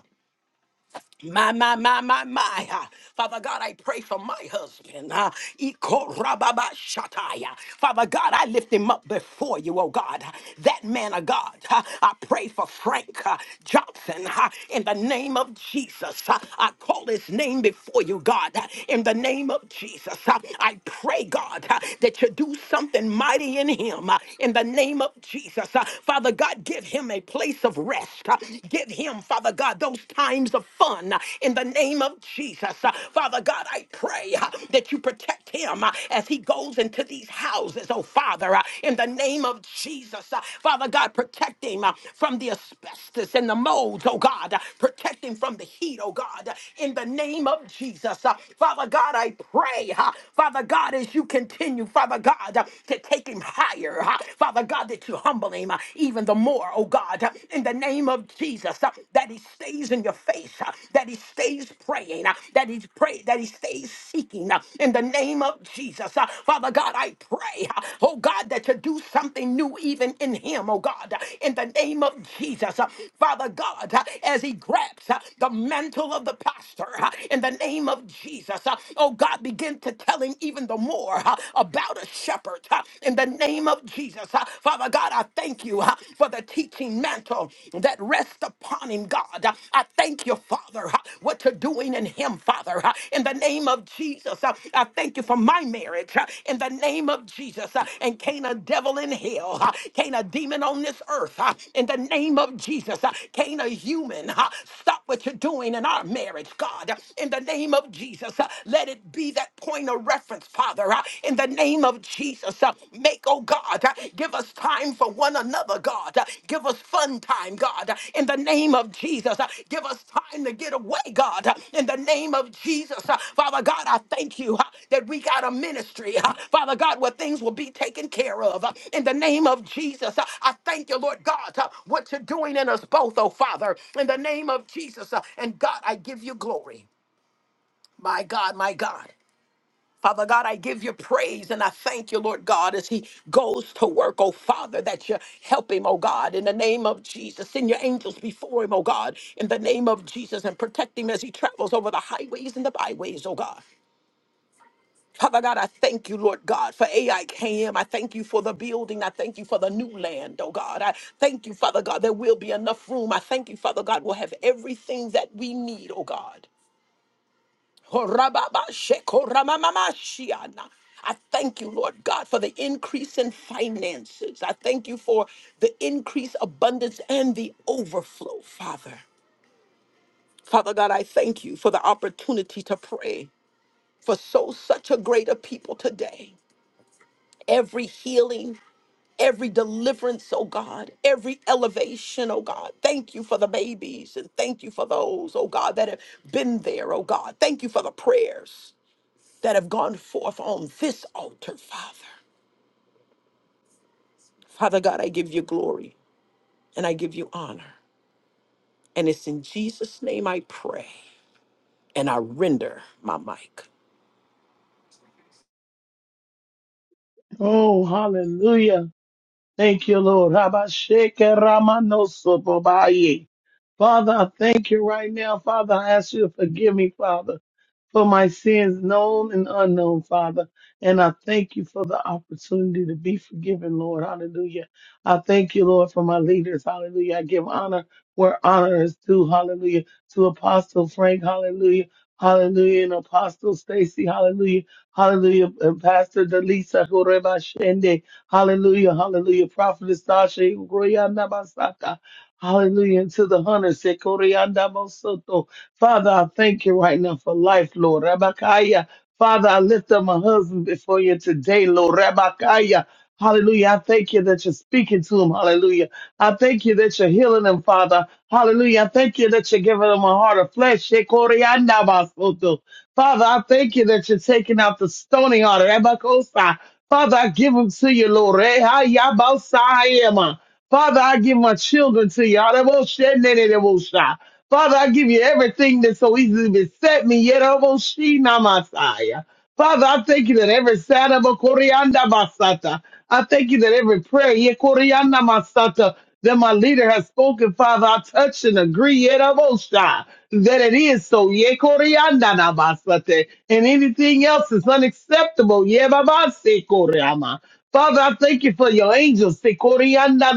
My, my, my, my, my. Ah, Father God, I pray for my husband. Ah, Ikorababashataya. Father God, I lift him up before you, oh God. That man of God. Ah, I pray for Frank ah, Johnson ah, in the name of Jesus. Ah, I call his name before you, God, Ah, in the name of Jesus. Ah, I pray, God, ah, that you do something mighty in him Ah, in the name of Jesus. Ah, Father God, give him a place of rest. uh, uh, give him, Father God, those times of fun uh, in the name of Jesus. Uh, Father God, I pray uh, that you protect him uh, as he goes into these houses, oh Father, uh, in the name of Jesus. Uh, Father God, protect him uh, from the asbestos and the molds, oh God. Uh, Protect him from the heat, oh God, uh, in the name of Jesus. Uh, Father God, I pray, uh, Father God, as you continue, Father God, uh, to take him higher, uh, Father God, that you humble him humble him uh, even the more, oh God, uh, in the name of Jesus, uh, that he stays in your face, uh, that he stays praying, uh, that He pray, that he stays seeking uh, in the name of Jesus. uh, Father God, I pray, uh, oh God, that you do something new even in him, oh God, uh, in the name of Jesus. uh, Father God, uh, as he grabs uh, the mantle of the pastor uh, in the name of Jesus, uh, oh God, begin to tell him even the more uh, about a shepherd earth uh, in the name of Jesus. Uh, Father God, I thank you uh, for the teaching mantle that rests upon him, God. Uh, I thank you, Father, uh, what you're doing in him, Father, uh, in the name of Jesus. Uh, I thank you for my marriage uh, in the name of Jesus. Uh, And can't a devil in hell, uh, can't a demon on this earth, uh, in the name of Jesus, uh, can't a human uh, stop what you're doing in our marriage, God, uh, in the name of Jesus. Uh, Let it be that point point of reference, Father, uh, in the name of Jesus. uh, Make, oh God, uh, give us time for one another, God. uh, Give us fun time, God, uh, in the name of Jesus. uh, Give us time to get away, God, uh, in the name of Jesus. uh, Father God, I thank you uh, that we got a ministry, uh, Father God, where things will be taken care of. uh, In the name of Jesus, uh, I thank you, Lord God, uh, what you're doing in us both, oh Father, in the name of Jesus. uh, And God, I give you glory. My God, my God. Father God, I give you praise and I thank you, Lord God, as he goes to work, oh Father, that you help him, oh God, in the name of Jesus. Send your angels before him, oh God, in the name of Jesus, and protect him as he travels over the highways and the byways, oh God. Father God, I thank you, Lord God, for AIKM. I K M. I thank you for the building. I thank you for the new land, oh God. I thank you, Father God, there will be enough room. I thank you, Father God, we'll have everything that we need, oh God. Horababa sheko ramamashiana. I thank you, Lord God, for the increase in finances. I thank you for the increase, abundance, and the overflow, Father. Father God, I thank you for the opportunity to pray for so such a greater people today. Every healing, every deliverance, oh God, every elevation, oh God. Thank you for the babies and thank you for those, oh God, that have been there, oh God. Thank you for the prayers. that have gone forth on this altar, Father. Father God, I give you glory and I give you honor. And it's in Jesus' name I pray and I render my mic. Oh, hallelujah. Thank you, Lord. Rabashake Ramanosobaye. Father, I thank you right now. Father, I ask you to forgive me, Father for my sins, known and unknown, Father. And I thank you for the opportunity to be forgiven, Lord. Hallelujah. I thank you, Lord, for my leaders. Hallelujah. I give honor where honor is due. Hallelujah. To Apostle Frank. Hallelujah. Hallelujah. And Apostle Stacy. Hallelujah. Hallelujah. And Pastor Delisa Horeba Shende. Hallelujah. Hallelujah. Prophetess Tasha. Hallelujah. And to the hunters. Sekorianda Mosoto. Father, I thank you right now for life, Lord. Rabakaya. Father, I lift up my husband before you today, Lord. Rabakaya. Hallelujah. I thank you that you're speaking to him. Hallelujah. I thank you that you're healing him, Father. Hallelujah. I Thank you that you're giving them a heart of flesh. Shekoriandabasoto. Father, I thank you that you're taking out the stony heart. Rebakosa. Father, I give them to you, Lord. Rehayabosayema. Father, I give my children to you. Araboshenenerebosha. Father, I give you everything that so easily beset me. Yeroboshinamashaya. Father, I thank you that every Sadaba korianda basata. I thank you that every prayer, Yekorianda masata. Then my leader has spoken, Father. I touch and agree yet that it is so. Ye koreanda na And anything else is unacceptable. Ye babase koreama. Father, I thank you for your angels. Se koreanda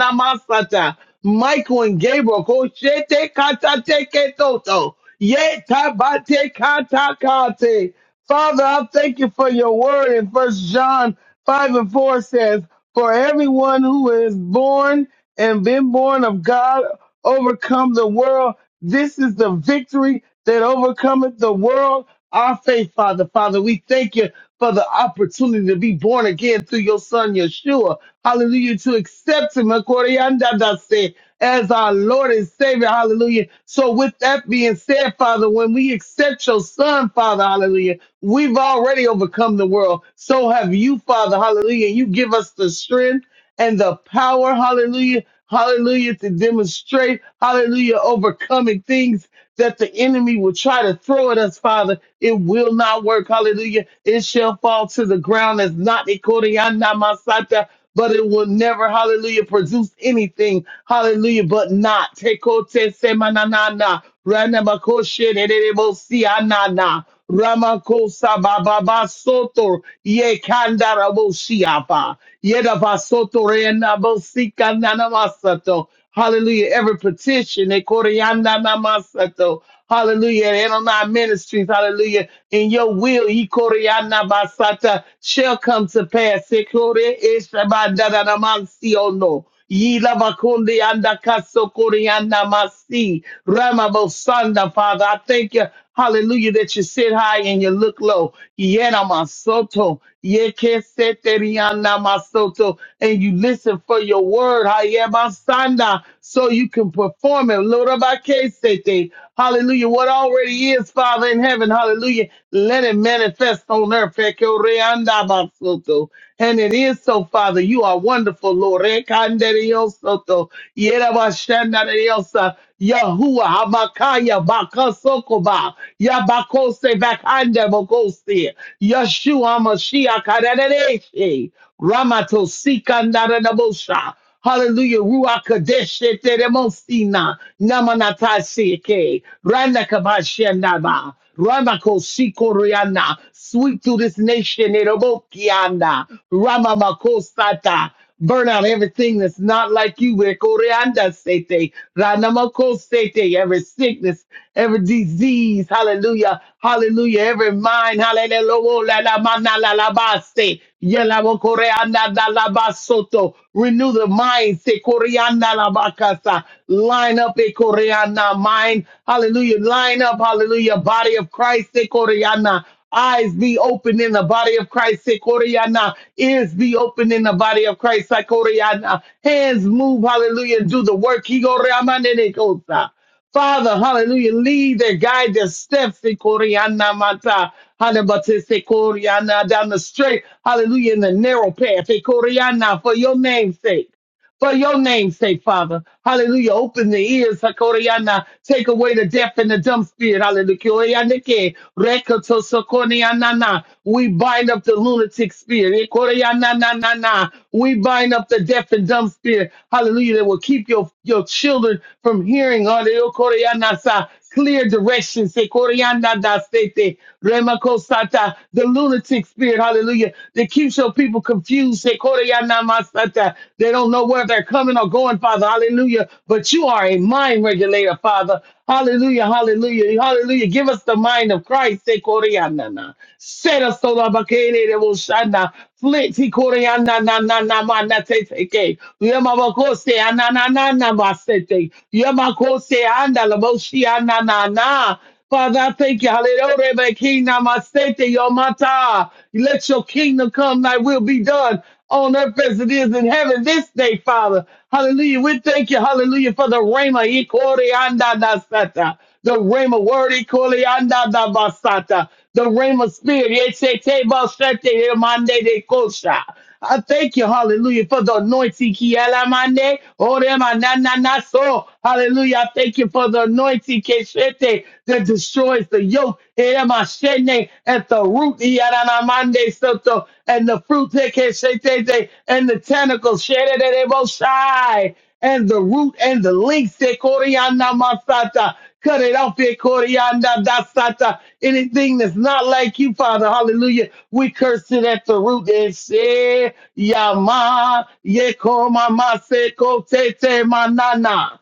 Michael and Gabriel. Koshete katate ketoto. Ye tabate katakate. Father, I thank you for your word in First John 5 and 4 says, for everyone who is born and been born of God overcome the world. This is the victory that overcometh the world. Our faith, Father. Father, we thank you for the opportunity to be born again through your son Yeshua. Hallelujah. To accept him Akoriandadase, as our Lord and Savior. Hallelujah. So with that being said, Father, when we accept your son, Father, hallelujah, we've already overcome the world. So have you, Father, hallelujah. You give us the strength and the power, hallelujah, hallelujah, to demonstrate, hallelujah, overcoming things that the enemy will try to throw at us, Father. It will not work, hallelujah. It shall fall to the ground as not Ikorianamasata, but it will never, hallelujah, produce anything, hallelujah, but not. Tekote semananana, ranabakoshe, nenerebo sianana. Ramakosa Baba Soto Ye Kandara Boshiapa Yedaba Soto Rena Bosika Nanamasato Hallelujah. Every petition, eh, Koryanda Namasato. Hallelujah. And on our ministries, hallelujah. In your will, eh, Koryanda Basata shall come to pass. Eh, Kory Eshabandana Namasiono. Ye Lavakundi Anda Kaso Koryanda Masi. Ramabosanda, Father. I thank you. Hallelujah, that you sit high and you look low. Yena masoto, yekeseteriana masoto, and you listen for your word. Hayemasanda, so you can perform it. Lorabakesete. Hallelujah. What already is, Father in heaven. Hallelujah. Let it manifest on earth. Fekoreanda masoto. And it is so, Father. You are wonderful, Lord. Rekanderiosoto. Yerabashandariosa, Yahuwah, Hamakaya, Bakasokoba, Yabakose, Bakanda, Bokosi, Yeshua, Mashiach, Karadereshi, Ramato, Sikandaranabosha, Hallelujah, Ruach Kadesh, Teremosina, Namanatashike, Randakabashanaba, Ramako Sikoriana, sweep to this nation, Erobokiana, Ramamako Sata. Burn out everything that's not like you. Ekorianda sete, ranamako sete, Every sickness, every disease. Hallelujah. Hallelujah. Every mind. Hallelujah. la- la- ma- la- la- ba- Yela- wo- koreanda- da- la- ba- Renew the mind. Se- koreanda- la- ba- Line up. Koreana mind. Hallelujah. Line up. Hallelujah. Body of Christ. Se Koreana. Eyes be open in the body of Christ. Se Koreana. Ears be open in the body of Christ. Se Koreana. Hands move. Hallelujah. Do the work. He go Ramane de Kosa. Father, hallelujah, lead their guide their steps in Koreana Mata. Hanabatese Koreana down the straight, hallelujah, in the narrow path. In Koreana, for your name's sake for your name's sake, Father. Hallelujah. Open the ears, Hakoriana. Take away the deaf and the dumb spirit. Hallelujah. Korianike. Rekoto Sokorianana. We bind up the lunatic spirit. Ekoriananana. We bind up the deaf and dumb spirit. Hallelujah. That will keep your, your children from hearing. Hallelujah. Korianasa. Clear directions. Ekorianadasete. Remakosata, the lunatic spirit, hallelujah, that keeps your people confused. Sekoroyanamasata. They don't know where they're coming or going, Father, hallelujah. But you are a mind regulator, Father. Hallelujah, hallelujah, hallelujah. Give us the mind of Christ. Sekoroyanana. Set us so that Bakereboshana. Flint, he na na na na ma na te te ke. Yemakose anana na na ma se te. Yemakose anda la boshi anana na. Father, I thank you. Hallelujah. King Namasete Yomata. Let your kingdom come, thy will be done on earth as it is in heaven this day, Father. Hallelujah. We thank you, hallelujah, for the Rhema. Ikore anda nasata. The Rhema word, Ikore anda da basata. The Rhema spirit. Yesete basete, Yemande de kosha. I thank you, hallelujah, for the anointing. Kialamane, orema na na na so, Hallelujah. I thank you for the anointing keshete, that destroys the yoke eremashene, at the root. iaranamande soto, And the fruit te keshetete, and the tentacles shedededeboshai, and the root and the links. te koriana masata. Cut it off here, Corianda Dasata. Anything that's not like you, Father, hallelujah. We curse it at the root and say, Yama, Yeko, Mama, Seko, Tete, Manana.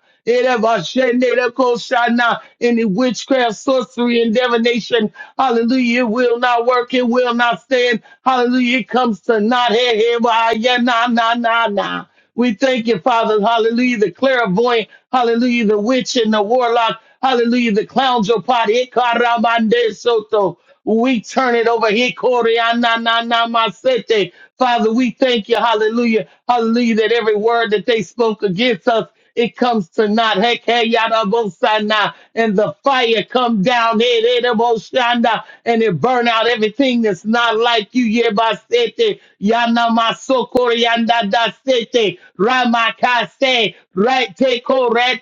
Any witchcraft, sorcery, and divination, hallelujah, it will not work, it will not stand. Hallelujah, it comes to not, hey, hey, why, yeah, na, na, na, na. We thank you, Father. Hallelujah. The clairvoyant. Hallelujah. The witch and the warlock. Hallelujah. The clowns your party. Ikaramande soto. We turn it over here. Masete. Father, we thank you. Hallelujah. Hallelujah. That every word that they spoke against us it comes to naught. Heck, hey, yada, bo, sana. And the fire come down, hey, hey, da, bo, shana, and it burn out everything that's not like you. Yeah, ba, sete. Yana, ma, so, kore, yanda, da, sete. Rama, ka, se. Right, te, ko, re,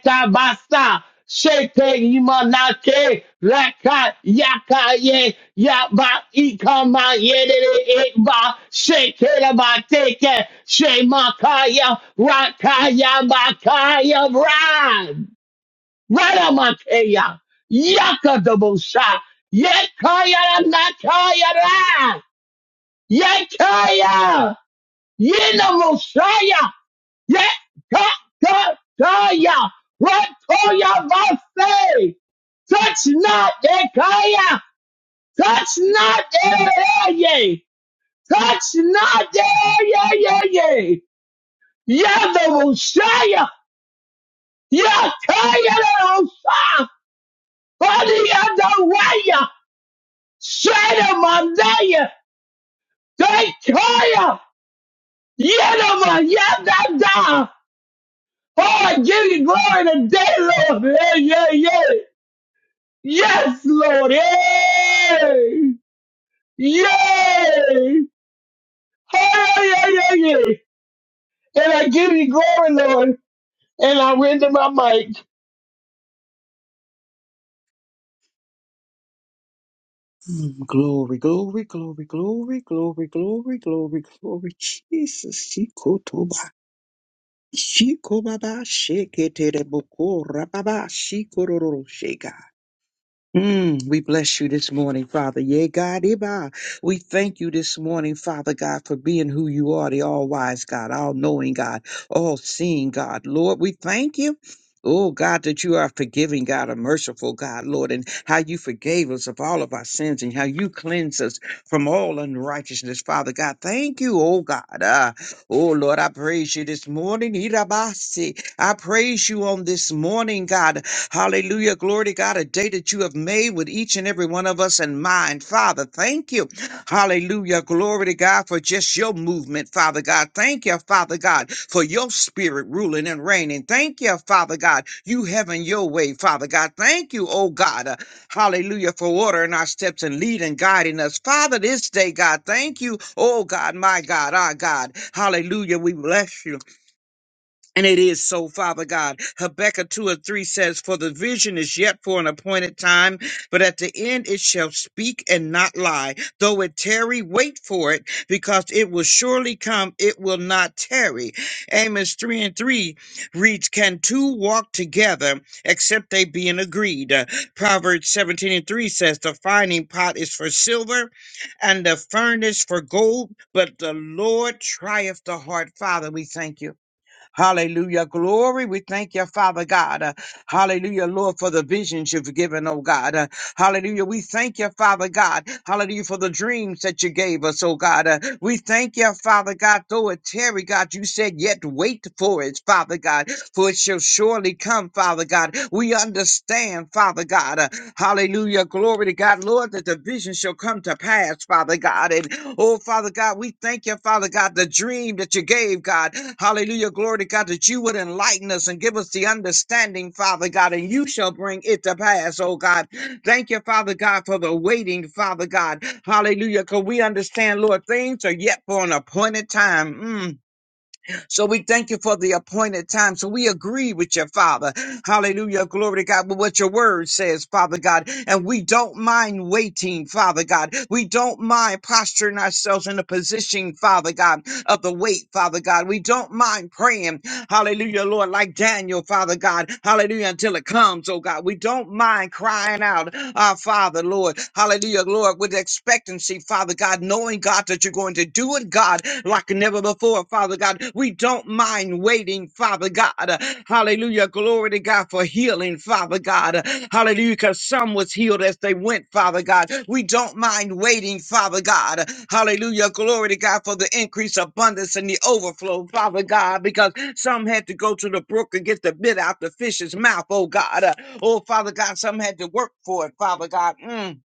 Shete imanate laka yaka ye yaba ikama yedere ekba shete la bateke shemakaya rakaya bakaya brad radamakaya yaka dobosha yekaya nakaya ra yekaya yena mosaya yeah, God, God, God, yeah. What all y'all about say? Touch not that Kaya. Touch not that area. Touch not that yeah, yeah, yeah. Yeah, the Messiah. Yeah, Kaya, the Messiah. Body of the way. Straight of my day. Thank Kaya. Yeah, the Messiah. Yeah, da, da. Oh, I give you glory today, Lord. Yeah, yeah, yeah. Yes, Lord. Yay! Yay! Hallelujah! And I give you glory, Lord. And I render my mic. Glory, glory, glory, glory, glory, glory, glory, glory, Jesus. Shikotoba, shikobaba, sheketere boko, rababa, shikororo, sheka. Mm, we bless you this morning, Father. Yeah, God, Iba. We thank you this morning, Father God, for being who you are, the all wise God, all knowing God, all seeing God. Lord, we thank you. Oh God, that you are a forgiving God, a merciful God, Lord, and how you forgave us of all of our sins and how you cleanse us from all unrighteousness, Father God. Thank you, oh God. Ah, oh Lord, I praise you this morning. Irabasi. I praise you on this morning, God. Hallelujah. Glory to God, a day that you have made with each and every one of us in mind. Father, thank you. Hallelujah. Glory to God for just your movement, Father God. Thank you, Father God, for your spirit ruling and reigning. Thank you, Father God, you having your way, Father God. Thank you, oh God. uh, hallelujah, for ordering our steps and leading guiding us. Father, this day, God, thank you, oh God, my God, our God. Hallelujah. We bless you. And it is so, Father God. Habakkuk 2 and 3 says, For the vision is yet for an appointed time, but at the end it shall speak and not lie. Though it tarry, wait for it, because it will surely come, it will not tarry. Amos 3 and 3 reads, Can two walk together except they be in agreed? Uh, Proverbs 17 and 3 says, The finding pot is for silver and the furnace for gold, but the Lord trieth the heart. Father, we thank you. Hallelujah. Glory. We thank you, Father God. Uh, Hallelujah, Lord, for the visions you've given, oh God. Uh, Hallelujah. We thank you, Father God. Hallelujah, for the dreams that you gave us, oh God. Uh, We thank you, Father God. Though it tarry, God, you said, yet wait for it, Father God for it shall surely come, Father God. We understand, Father God. uh, hallelujah. Glory to God, Lord, that the vision shall come to pass, Father God. And oh, Father God, we thank you, Father God, the dream that you gave, God. Hallelujah. Glory to God, that you would enlighten us and give us the understanding, Father God, and you shall bring it to pass, oh God. Thank you, Father God, for the waiting, Father God. Hallelujah. Because we understand, Lord, things are yet for an appointed time. Mm. So we thank you for the appointed time. So we agree with your Father. Hallelujah. Glory to God. But what your word says, Father God. And we don't mind waiting, Father God. We don't mind posturing ourselves in a position, Father God of the weight, Father God. We don't mind praying, hallelujah, Lord, like Daniel, Father God, hallelujah, until it comes, oh God. We don't mind crying out, our Father, Lord, hallelujah, Lord, with expectancy, Father God, knowing, God, that you're going to do it, God, like never before, Father God. We don't mind waiting, Father God, hallelujah, glory to God for healing, Father God. Hallelujah. Because some was healed as they went, Father God. We don't mind waiting, Father God. Hallelujah. Glory to God for the increase, abundance, and the overflow, Father God, because some had to go to the brook and get the bit out the fish's mouth, oh God. Oh, Father God, some had to work for it, Father God. Mm.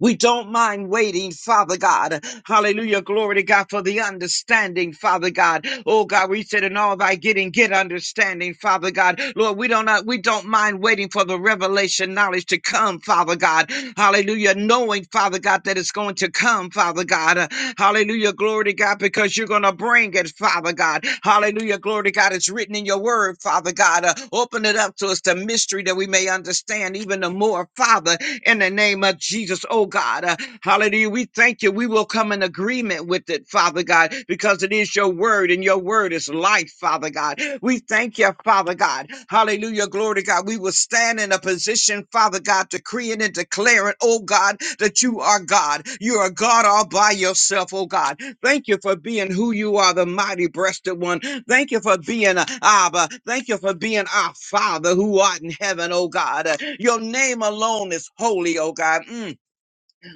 We don't mind waiting, Father God. Hallelujah. Glory to God for the understanding, Father God. Oh God, we said in all thy getting, get understanding, Father God. Lord, we don't not, we don't mind waiting for the revelation knowledge to come, Father God. Hallelujah. Knowing, Father God, that it's going to come, Father God. Uh, Hallelujah. Glory to God, because you're going to bring it, Father God. Hallelujah. Glory to God. It's written in your word, Father God. God. Uh, open it up to us, the mystery that we may understand even the more, Father, in the name of Jesus, oh God. Uh, hallelujah. We thank you. We will come in agreement with it, Father God, because it is your word and your word is life, Father God. We thank you, Father God. Hallelujah. Glory to God. We will stand in a position, Father God, decreeing and declaring, oh God, that you are God. You are God all by yourself, oh God. Thank you for being who you are, the mighty breasted one, Thank you for being uh, Abba. Thank you for being our Father who art in heaven, oh God. Uh, Your name alone is holy, oh God. Mm.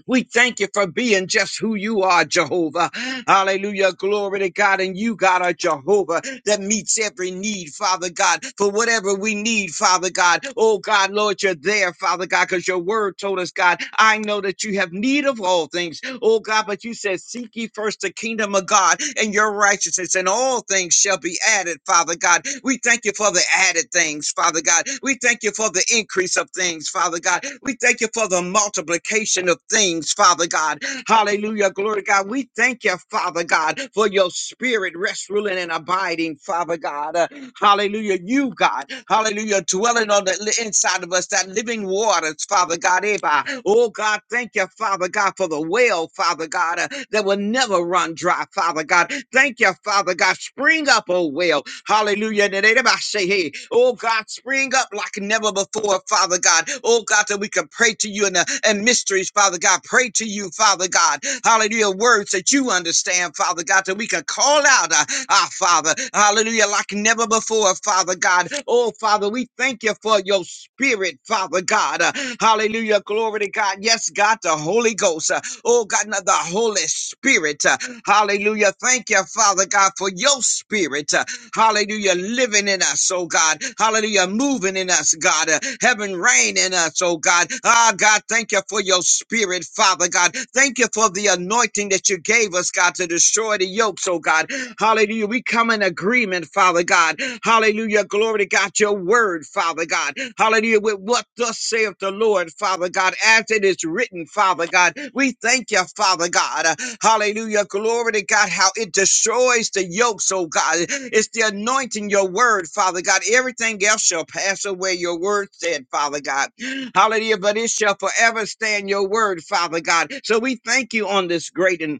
We thank you for being just who you are, Jehovah. Hallelujah. Glory to God. And you, God, are Jehovah that meets every need, Father God, for whatever we need, Father God. Oh, God, Lord, you're there, Father God, because your word told us, God, I know that you have need of all things. Oh, God, but you said, Seek ye first the kingdom of God and your righteousness, and all things shall be added, Father God. We thank you for the added things, Father God. We we thank you for the increase of things, Father God. We thank you for the multiplication of things, Father God. Hallelujah. Glory to God. We thank you, Father God, for your spirit rest, ruling, and abiding, Father God. Uh, hallelujah. You, God. Hallelujah. Dwelling on the li- inside of us, that living waters, Father God. Eba. Oh, God, thank you, Father God, for the well, Father God, uh, that will never run dry, Father God. Thank you, Father God. God. Spring up, oh well. Hallelujah. And everybody say, hey, oh God, spring up like never before, Father God. Oh God, that we can pray to you in the and mysteries, Father God. Pray to you, Father God. Hallelujah. Words that you understand, Father God, that we can call out uh, our Father. Hallelujah. Like never before, Father God. Oh Father, we thank you for your spirit, Father God. Uh, hallelujah. Glory to God. Yes, God, the Holy Ghost. Uh, Oh God, now the Holy Spirit. uh, Hallelujah. Thank you, Father God, for your spirit. uh, Hallelujah. Living in us, oh God. Hallelujah. Moving in us, God. Uh, Heaven reign in us, oh God. Ah, God, thank you for your spirit, Father God. Thank you for the anointing that you gave us, God, to destroy the yokes, oh God. Hallelujah. We come in agreement, Father God. Hallelujah. Glory to God, your word, Father God. Hallelujah. With what thus saith the Lord, Father God, as it is written, Father God. We thank you, Father God. Uh, Hallelujah. Glory to God, how it destroys the yokes, oh God. It's the anointing, your word, Father God. Everything else shall pass away, your word said, Father God. Hallelujah. But it shall forever stand your word, Father God. So we thank you on this great and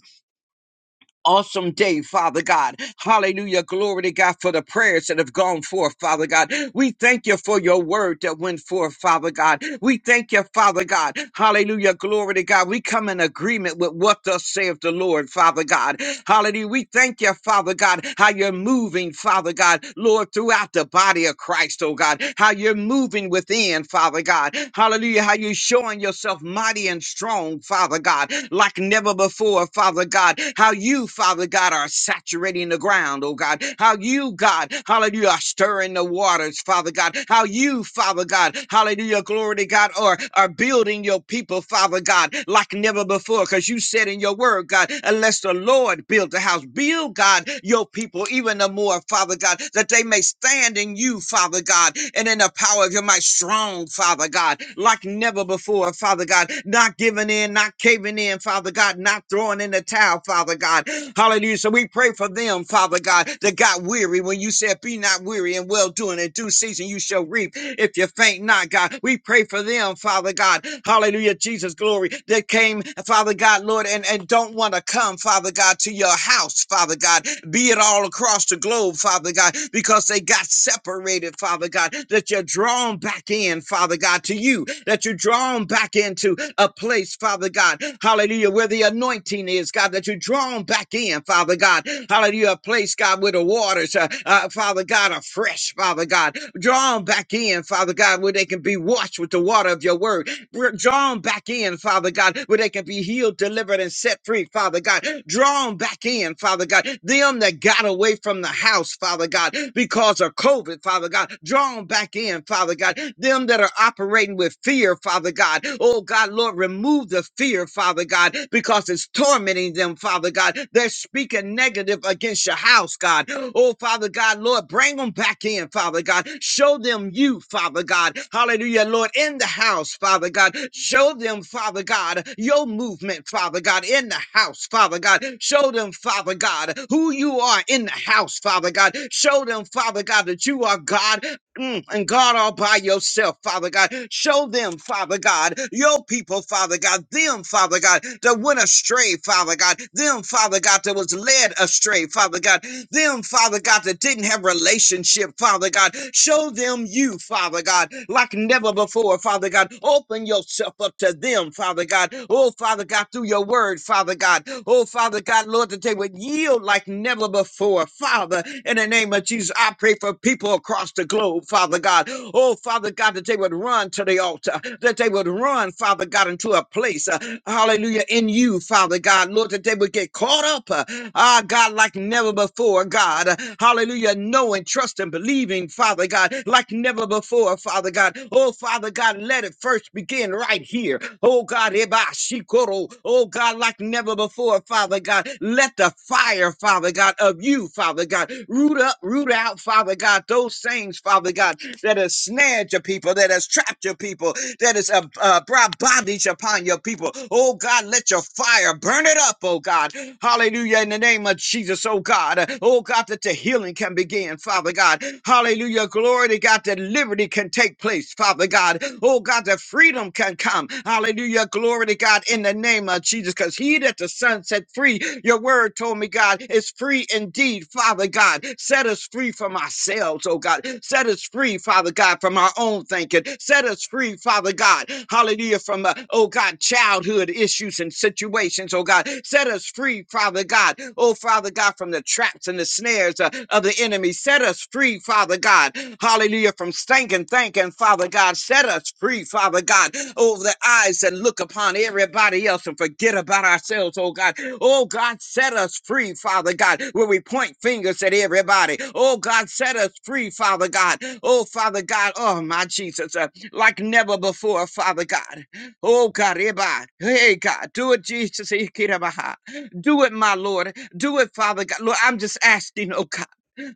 awesome day, Father God. Hallelujah. Glory to God for the prayers that have gone forth, Father God. We thank you for your word that went forth, Father God. We thank you, Father God. Hallelujah. Glory to God. We come in agreement with what thus saith the Lord, Father God. Hallelujah. We thank you, Father God, how you're moving, Father God, Lord, throughout the body of Christ, oh God, how you're moving within, Father God. Hallelujah. How you're showing showing yourself mighty and strong, Father God, like never before, Father God. How you, Father God, are saturating the ground, oh God. How you, God, hallelujah, are stirring the waters, Father God. How you, Father God, hallelujah, glory to God, are, are building your people, Father God, like never before. Because you said in your word, God, unless the Lord build the house, build, God, your people even the more, Father God, that they may stand stand in you, Father God, and in the power of your might, strong, Father God, like never before, Father God, not giving in, not caving in, Father God, not throwing in the towel, Father God. Hallelujah. So we pray for them, Father God, that got weary when you said, Be not weary and well doing, in due season you shall reap if you faint not, God. We pray for them, Father God. Hallelujah, Jesus, glory. That came, Father God, Lord, and, and don't want to come, Father. Father God, to your house, Father God, be it all across the globe, Father God, because they got separated, Father God, that you're drawn back in, Father God, to you, that you're drawn back into a place, Father God, hallelujah, where the anointing is, God, that you're drawn back in, Father God, hallelujah, a place, God, where the waters, uh, uh, Father God, are fresh, Father God, drawn back in, Father God, where they can be washed with the water of your word, Br- Draw them back in, Father God, where they can be healed, delivered, and set free, Father God. Draw them back in, Father God. Them that got away from the house, Father God, because of COVID, Father God. Draw them back in, Father God. Them that are operating with fear, Father God. Oh, God, Lord, remove the fear, Father God, because it's tormenting them, Father God. They're that's speaking negative against your house, God. Oh, Father God, Lord, bring them back in, Father God. Show them you, Father God. Hallelujah, Lord, in the house, Father God. Show them, Father God, your movement, Father God, in the house, Father God. Show them, Father God, who you are in the house, Father God. Show them, Father God, that you are God Mm, and God, all by yourself, Father God, show them, Father God, your people, Father God, them, Father God, that went astray, Father God, them, Father God, that was led astray, Father God, them, Father God, that didn't have relationship, Father God, show them you, Father God, like never before, Father God, open yourself up to them, Father God, oh, Father God, through your word, Father God, oh, Father God, Lord, that they that they would yield like never before. Father, in the name of Jesus, I pray for people across the globe, Father God. Oh, Father God, that they would run to the altar, that they would run, Father God, into a place, uh, hallelujah, in you, Father God. Lord, that they would get caught up, uh, ah, God, like never before, God. Uh, hallelujah, knowing, trusting, believing, Father God, like never before, Father God. Oh, Father God, let it first begin in right here. Oh God, Eba Shikoro. Oh God, like never before, Father God. Let the fire, Father God, of you, Father God, root up, root out, Father God, those things, Father God, that has snared your people, that has trapped your people, that has uh, uh, brought bondage upon your people. Oh God, let your fire burn it up, oh God. Hallelujah, in the name of Jesus, oh God. Oh God, that the healing can begin, Father. Father God. Hallelujah. Glory to God that liberty can take place, Father God. Oh God, that freedom can come. Hallelujah. Glory to God in the name of Jesus. Because he that the Son set free, your word told me, God, is free indeed, Father God. Set us free from ourselves, oh God. Set us free, Father God, from our own thinking. Set us free, Father God. Hallelujah. From, uh, oh God, childhood issues and situations, oh God. God. Set us free, Father God. Oh, Father God, from the traps and the snares uh, of the enemy. Set us free, Father God. Hallelujah. From stinking thinking, Father God. Set us free, Father God. Over the eyes that look upon everybody else and forget about ourselves, oh God. Oh God, set us free, Father God, where we point fingers at everybody. Oh God, set us free, Father God. Oh Father God, oh my Jesus, uh, like never before, Father God. Oh, Kariba. Hey, God. Do it, Jesus. Ikirabaha. Do it, my Lord. Do it, Father God. Lord, I'm just asking, oh God.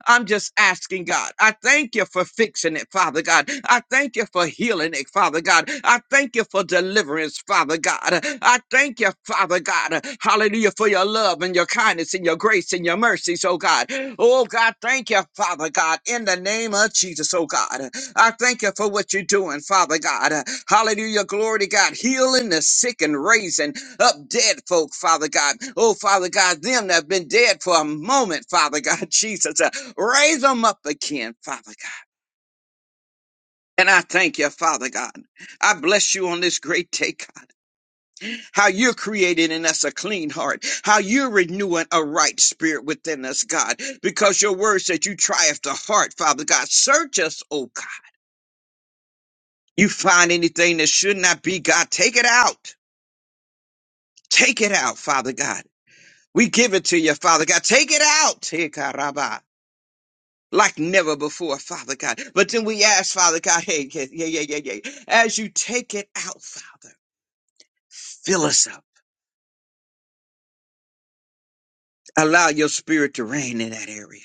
I'm just asking, God. I thank you for fixing it, Father God. I thank you for healing it, Father God. I thank you for deliverance, Father God. I thank you, Father God. Hallelujah, for your love and your kindness and your grace and your mercies, oh God. Oh God, thank you, Father God, in the name of Jesus, oh God. I thank you for what you're doing, Father God. Hallelujah, glory to God. Healing the sick and raising up dead folk, Father God. Oh, Father God, them that have been dead for a moment, Father God, Jesus raise them up again, Father God. And I thank you, Father God. I bless you on this great day, God. How you're creating in us a clean heart, how you're renewing a right spirit within us, God, because your word said you triumph the heart, Father God. Search us, oh God. You find anything that should not be, God, take it out. Take it out, Father God. We give it to you, Father God. Take it out. Take it out. like never before, Father God. But then we ask, Father God, hey, yeah, yeah, yeah, yeah, yeah. As you take it out, Father, fill us up. Allow your spirit to reign in that area.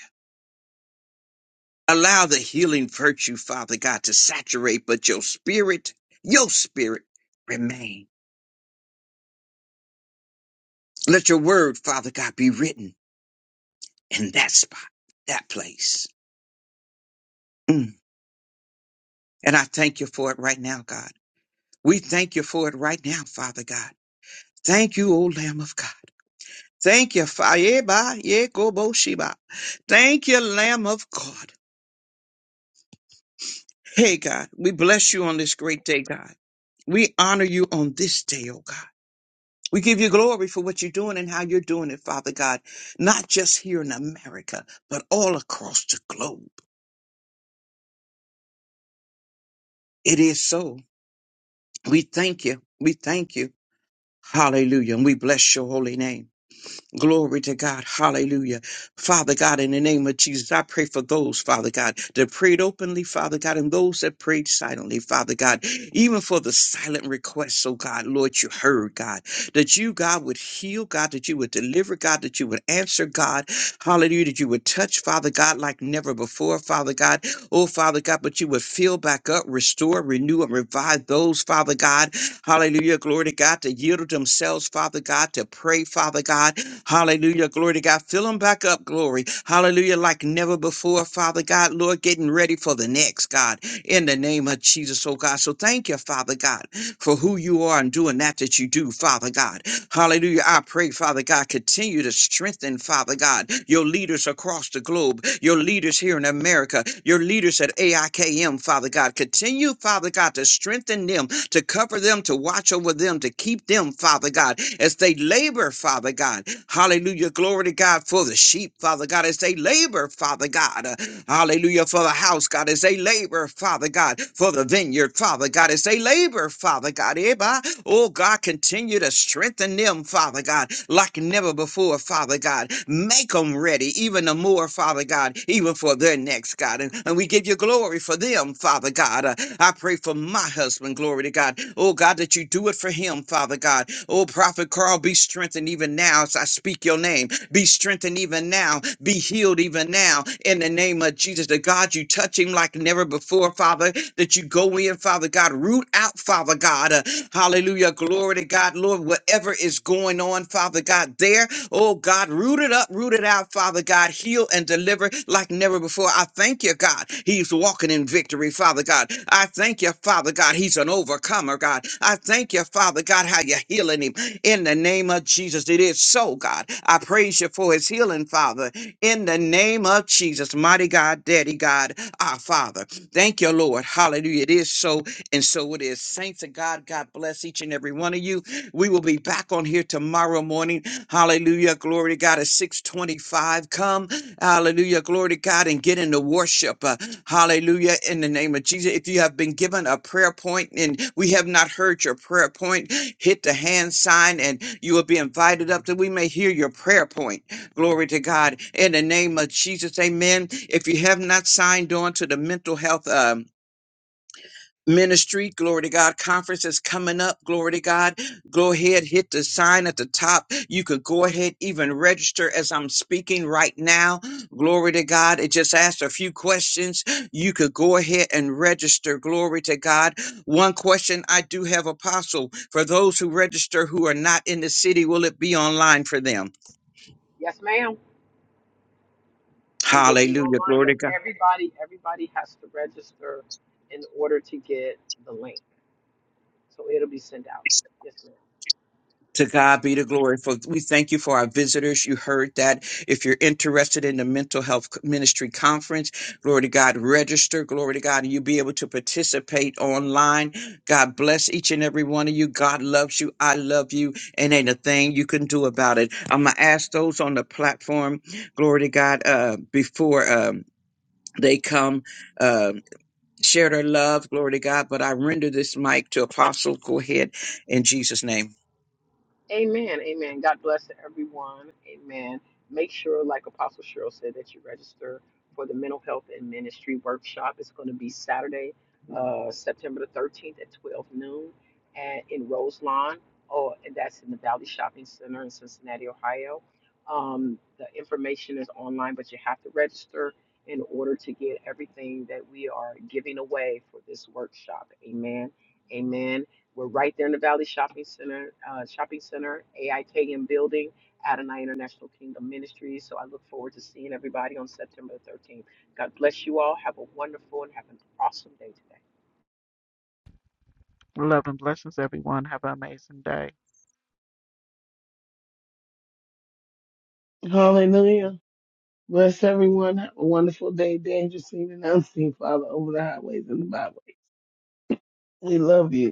Allow the healing virtue, Father God, to saturate, but your spirit, your spirit remain. Let your word, Father God, be written in that spot, that place. Mm. And I thank you for it right now, God. We thank you for it right now, Father God. Thank you, O Lamb of God. Thank you, Fayeba Yekoboshiba. Thank you, Lamb of God. Hey, God, we bless you on this great day, God. We honor you on this day, oh God. We give you glory for what you're doing and how you're doing it, Father God, not just here in America, but all across the globe. It is so. We thank you. We thank you. Hallelujah. And we bless your holy name. Glory to God. Hallelujah. Father God, in the name of Jesus, I pray for those, Father God, that prayed openly, Father God, and those that prayed silently, Father God, even for the silent requests, oh God, Lord, you heard, God, that you, God, would heal, God, that you would deliver, God, that you would answer, God, hallelujah, that you would touch, Father God, like never before, Father God, oh Father God, but you would fill back up, restore, renew, and revive those, Father God, Hallelujah. Glory to God to yield themselves, Father God, to pray, Father God. Hallelujah. Glory to God. Fill them back up, glory. Hallelujah. Like never before, Father God. Lord, getting ready for the next, God, in the name of Jesus, oh God. So thank you, Father God, for who you are and doing that that you do, Father God. Hallelujah. I pray, Father God, continue to strengthen, Father God, your leaders across the globe, your leaders here in America, your leaders at AIKM, Father God. Continue, Father God, to strengthen them to cover them, to watch over them, to keep them, Father God, as they labor, Father God. Hallelujah. Glory to God for the sheep, Father God, as they labor, Father God. Uh, Hallelujah. For the house, God, as they labor, Father God, for the vineyard, Father God, as they labor, Father God. Eba. Oh, God, continue to strengthen them, Father God, like never before, Father. Father God. Make them ready, even the more, Father God, even for their next, God. And, and we give you glory for them, Father God. Uh, I pray for my husband, glory to God. Oh, God, that you do it for him, Father God. Oh, Prophet Carl, be strengthened even now as I speak your name. Be strengthened even now. Be healed even now in the name of Jesus. The God, you touch him like never before before, Father, that you go in, Father God, root out, Father God. uh, hallelujah. Glory to God, Lord, whatever is going on, Father God, there, oh God, root it up, root it out, Father God, heal and deliver like never before. I thank you, God. He's walking in victory, Father God. I thank you, Father God. He's an overcomer, God. I thank you, Father God, how you're healing him in the name of Jesus. It is so, God. I praise you for his healing, Father, in the name of Jesus, mighty God, daddy God, our Father. Thank you, Lord. Hallelujah. It is so, and so it is. Saints of God, God bless each and every one of you. We will be back on here tomorrow morning. Hallelujah. Glory to God at 625. Come. Hallelujah. Glory to God and get into worship. Uh, hallelujah. In the name of Jesus. If you have been given a prayer point and we have not heard your prayer point, hit the hand sign and you will be invited up that we may hear your prayer point. Glory to God. In the name of Jesus, amen. If you have not signed on to the mental health um, ministry, glory to God, conference is coming up, glory to God. Go ahead, hit the sign at the top. You could go ahead, even register as I'm speaking right now. Glory to God. It just asks a few questions. You could go ahead and register. Glory to God. One question I do have, Apostle, for those who register who are not in the city, will it be online for them? Yes, ma'am. It will be Hallelujah. online, Glory but to God. everybody, everybody has to register in order to get the link. So it'll be sent out. Yes, ma'am. To God be the glory. For we thank you for our visitors. You heard that. If you're interested in the mental health ministry conference, glory to God, register. Glory to God, and you'll be able to participate online. God bless each and every one of you. God loves you. I love you, and ain't a thing you can do about it. I'm gonna ask those on the platform. Glory to God. Uh, before um, they come, uh, share their love. Glory to God. But I render this mic to Apostle. Go ahead in Jesus' name. Amen. Amen. God bless everyone. Amen. Make sure, like Apostle Cheryl said, that you register for the mental health and ministry workshop. It's going to be Saturday, uh, September the 13th at 12 noon at, in Roselawn. Oh, and that's in the Valley Shopping Center in Cincinnati, Ohio. Um, the information is online, but you have to register in order to get everything that we are giving away for this workshop. Amen. Amen. We're right there in the Valley Shopping Center, uh, Shopping Center, AIKM building, Adonai International Kingdom Ministries. So I look forward to seeing everybody on September 13th. God bless you all. Have a wonderful and have an awesome day today. Love and blessings, everyone. Have an amazing day. Hallelujah. Bless everyone. Have a wonderful day, dangerous, seen and unseen, Father, over the highways and the byways. We love you.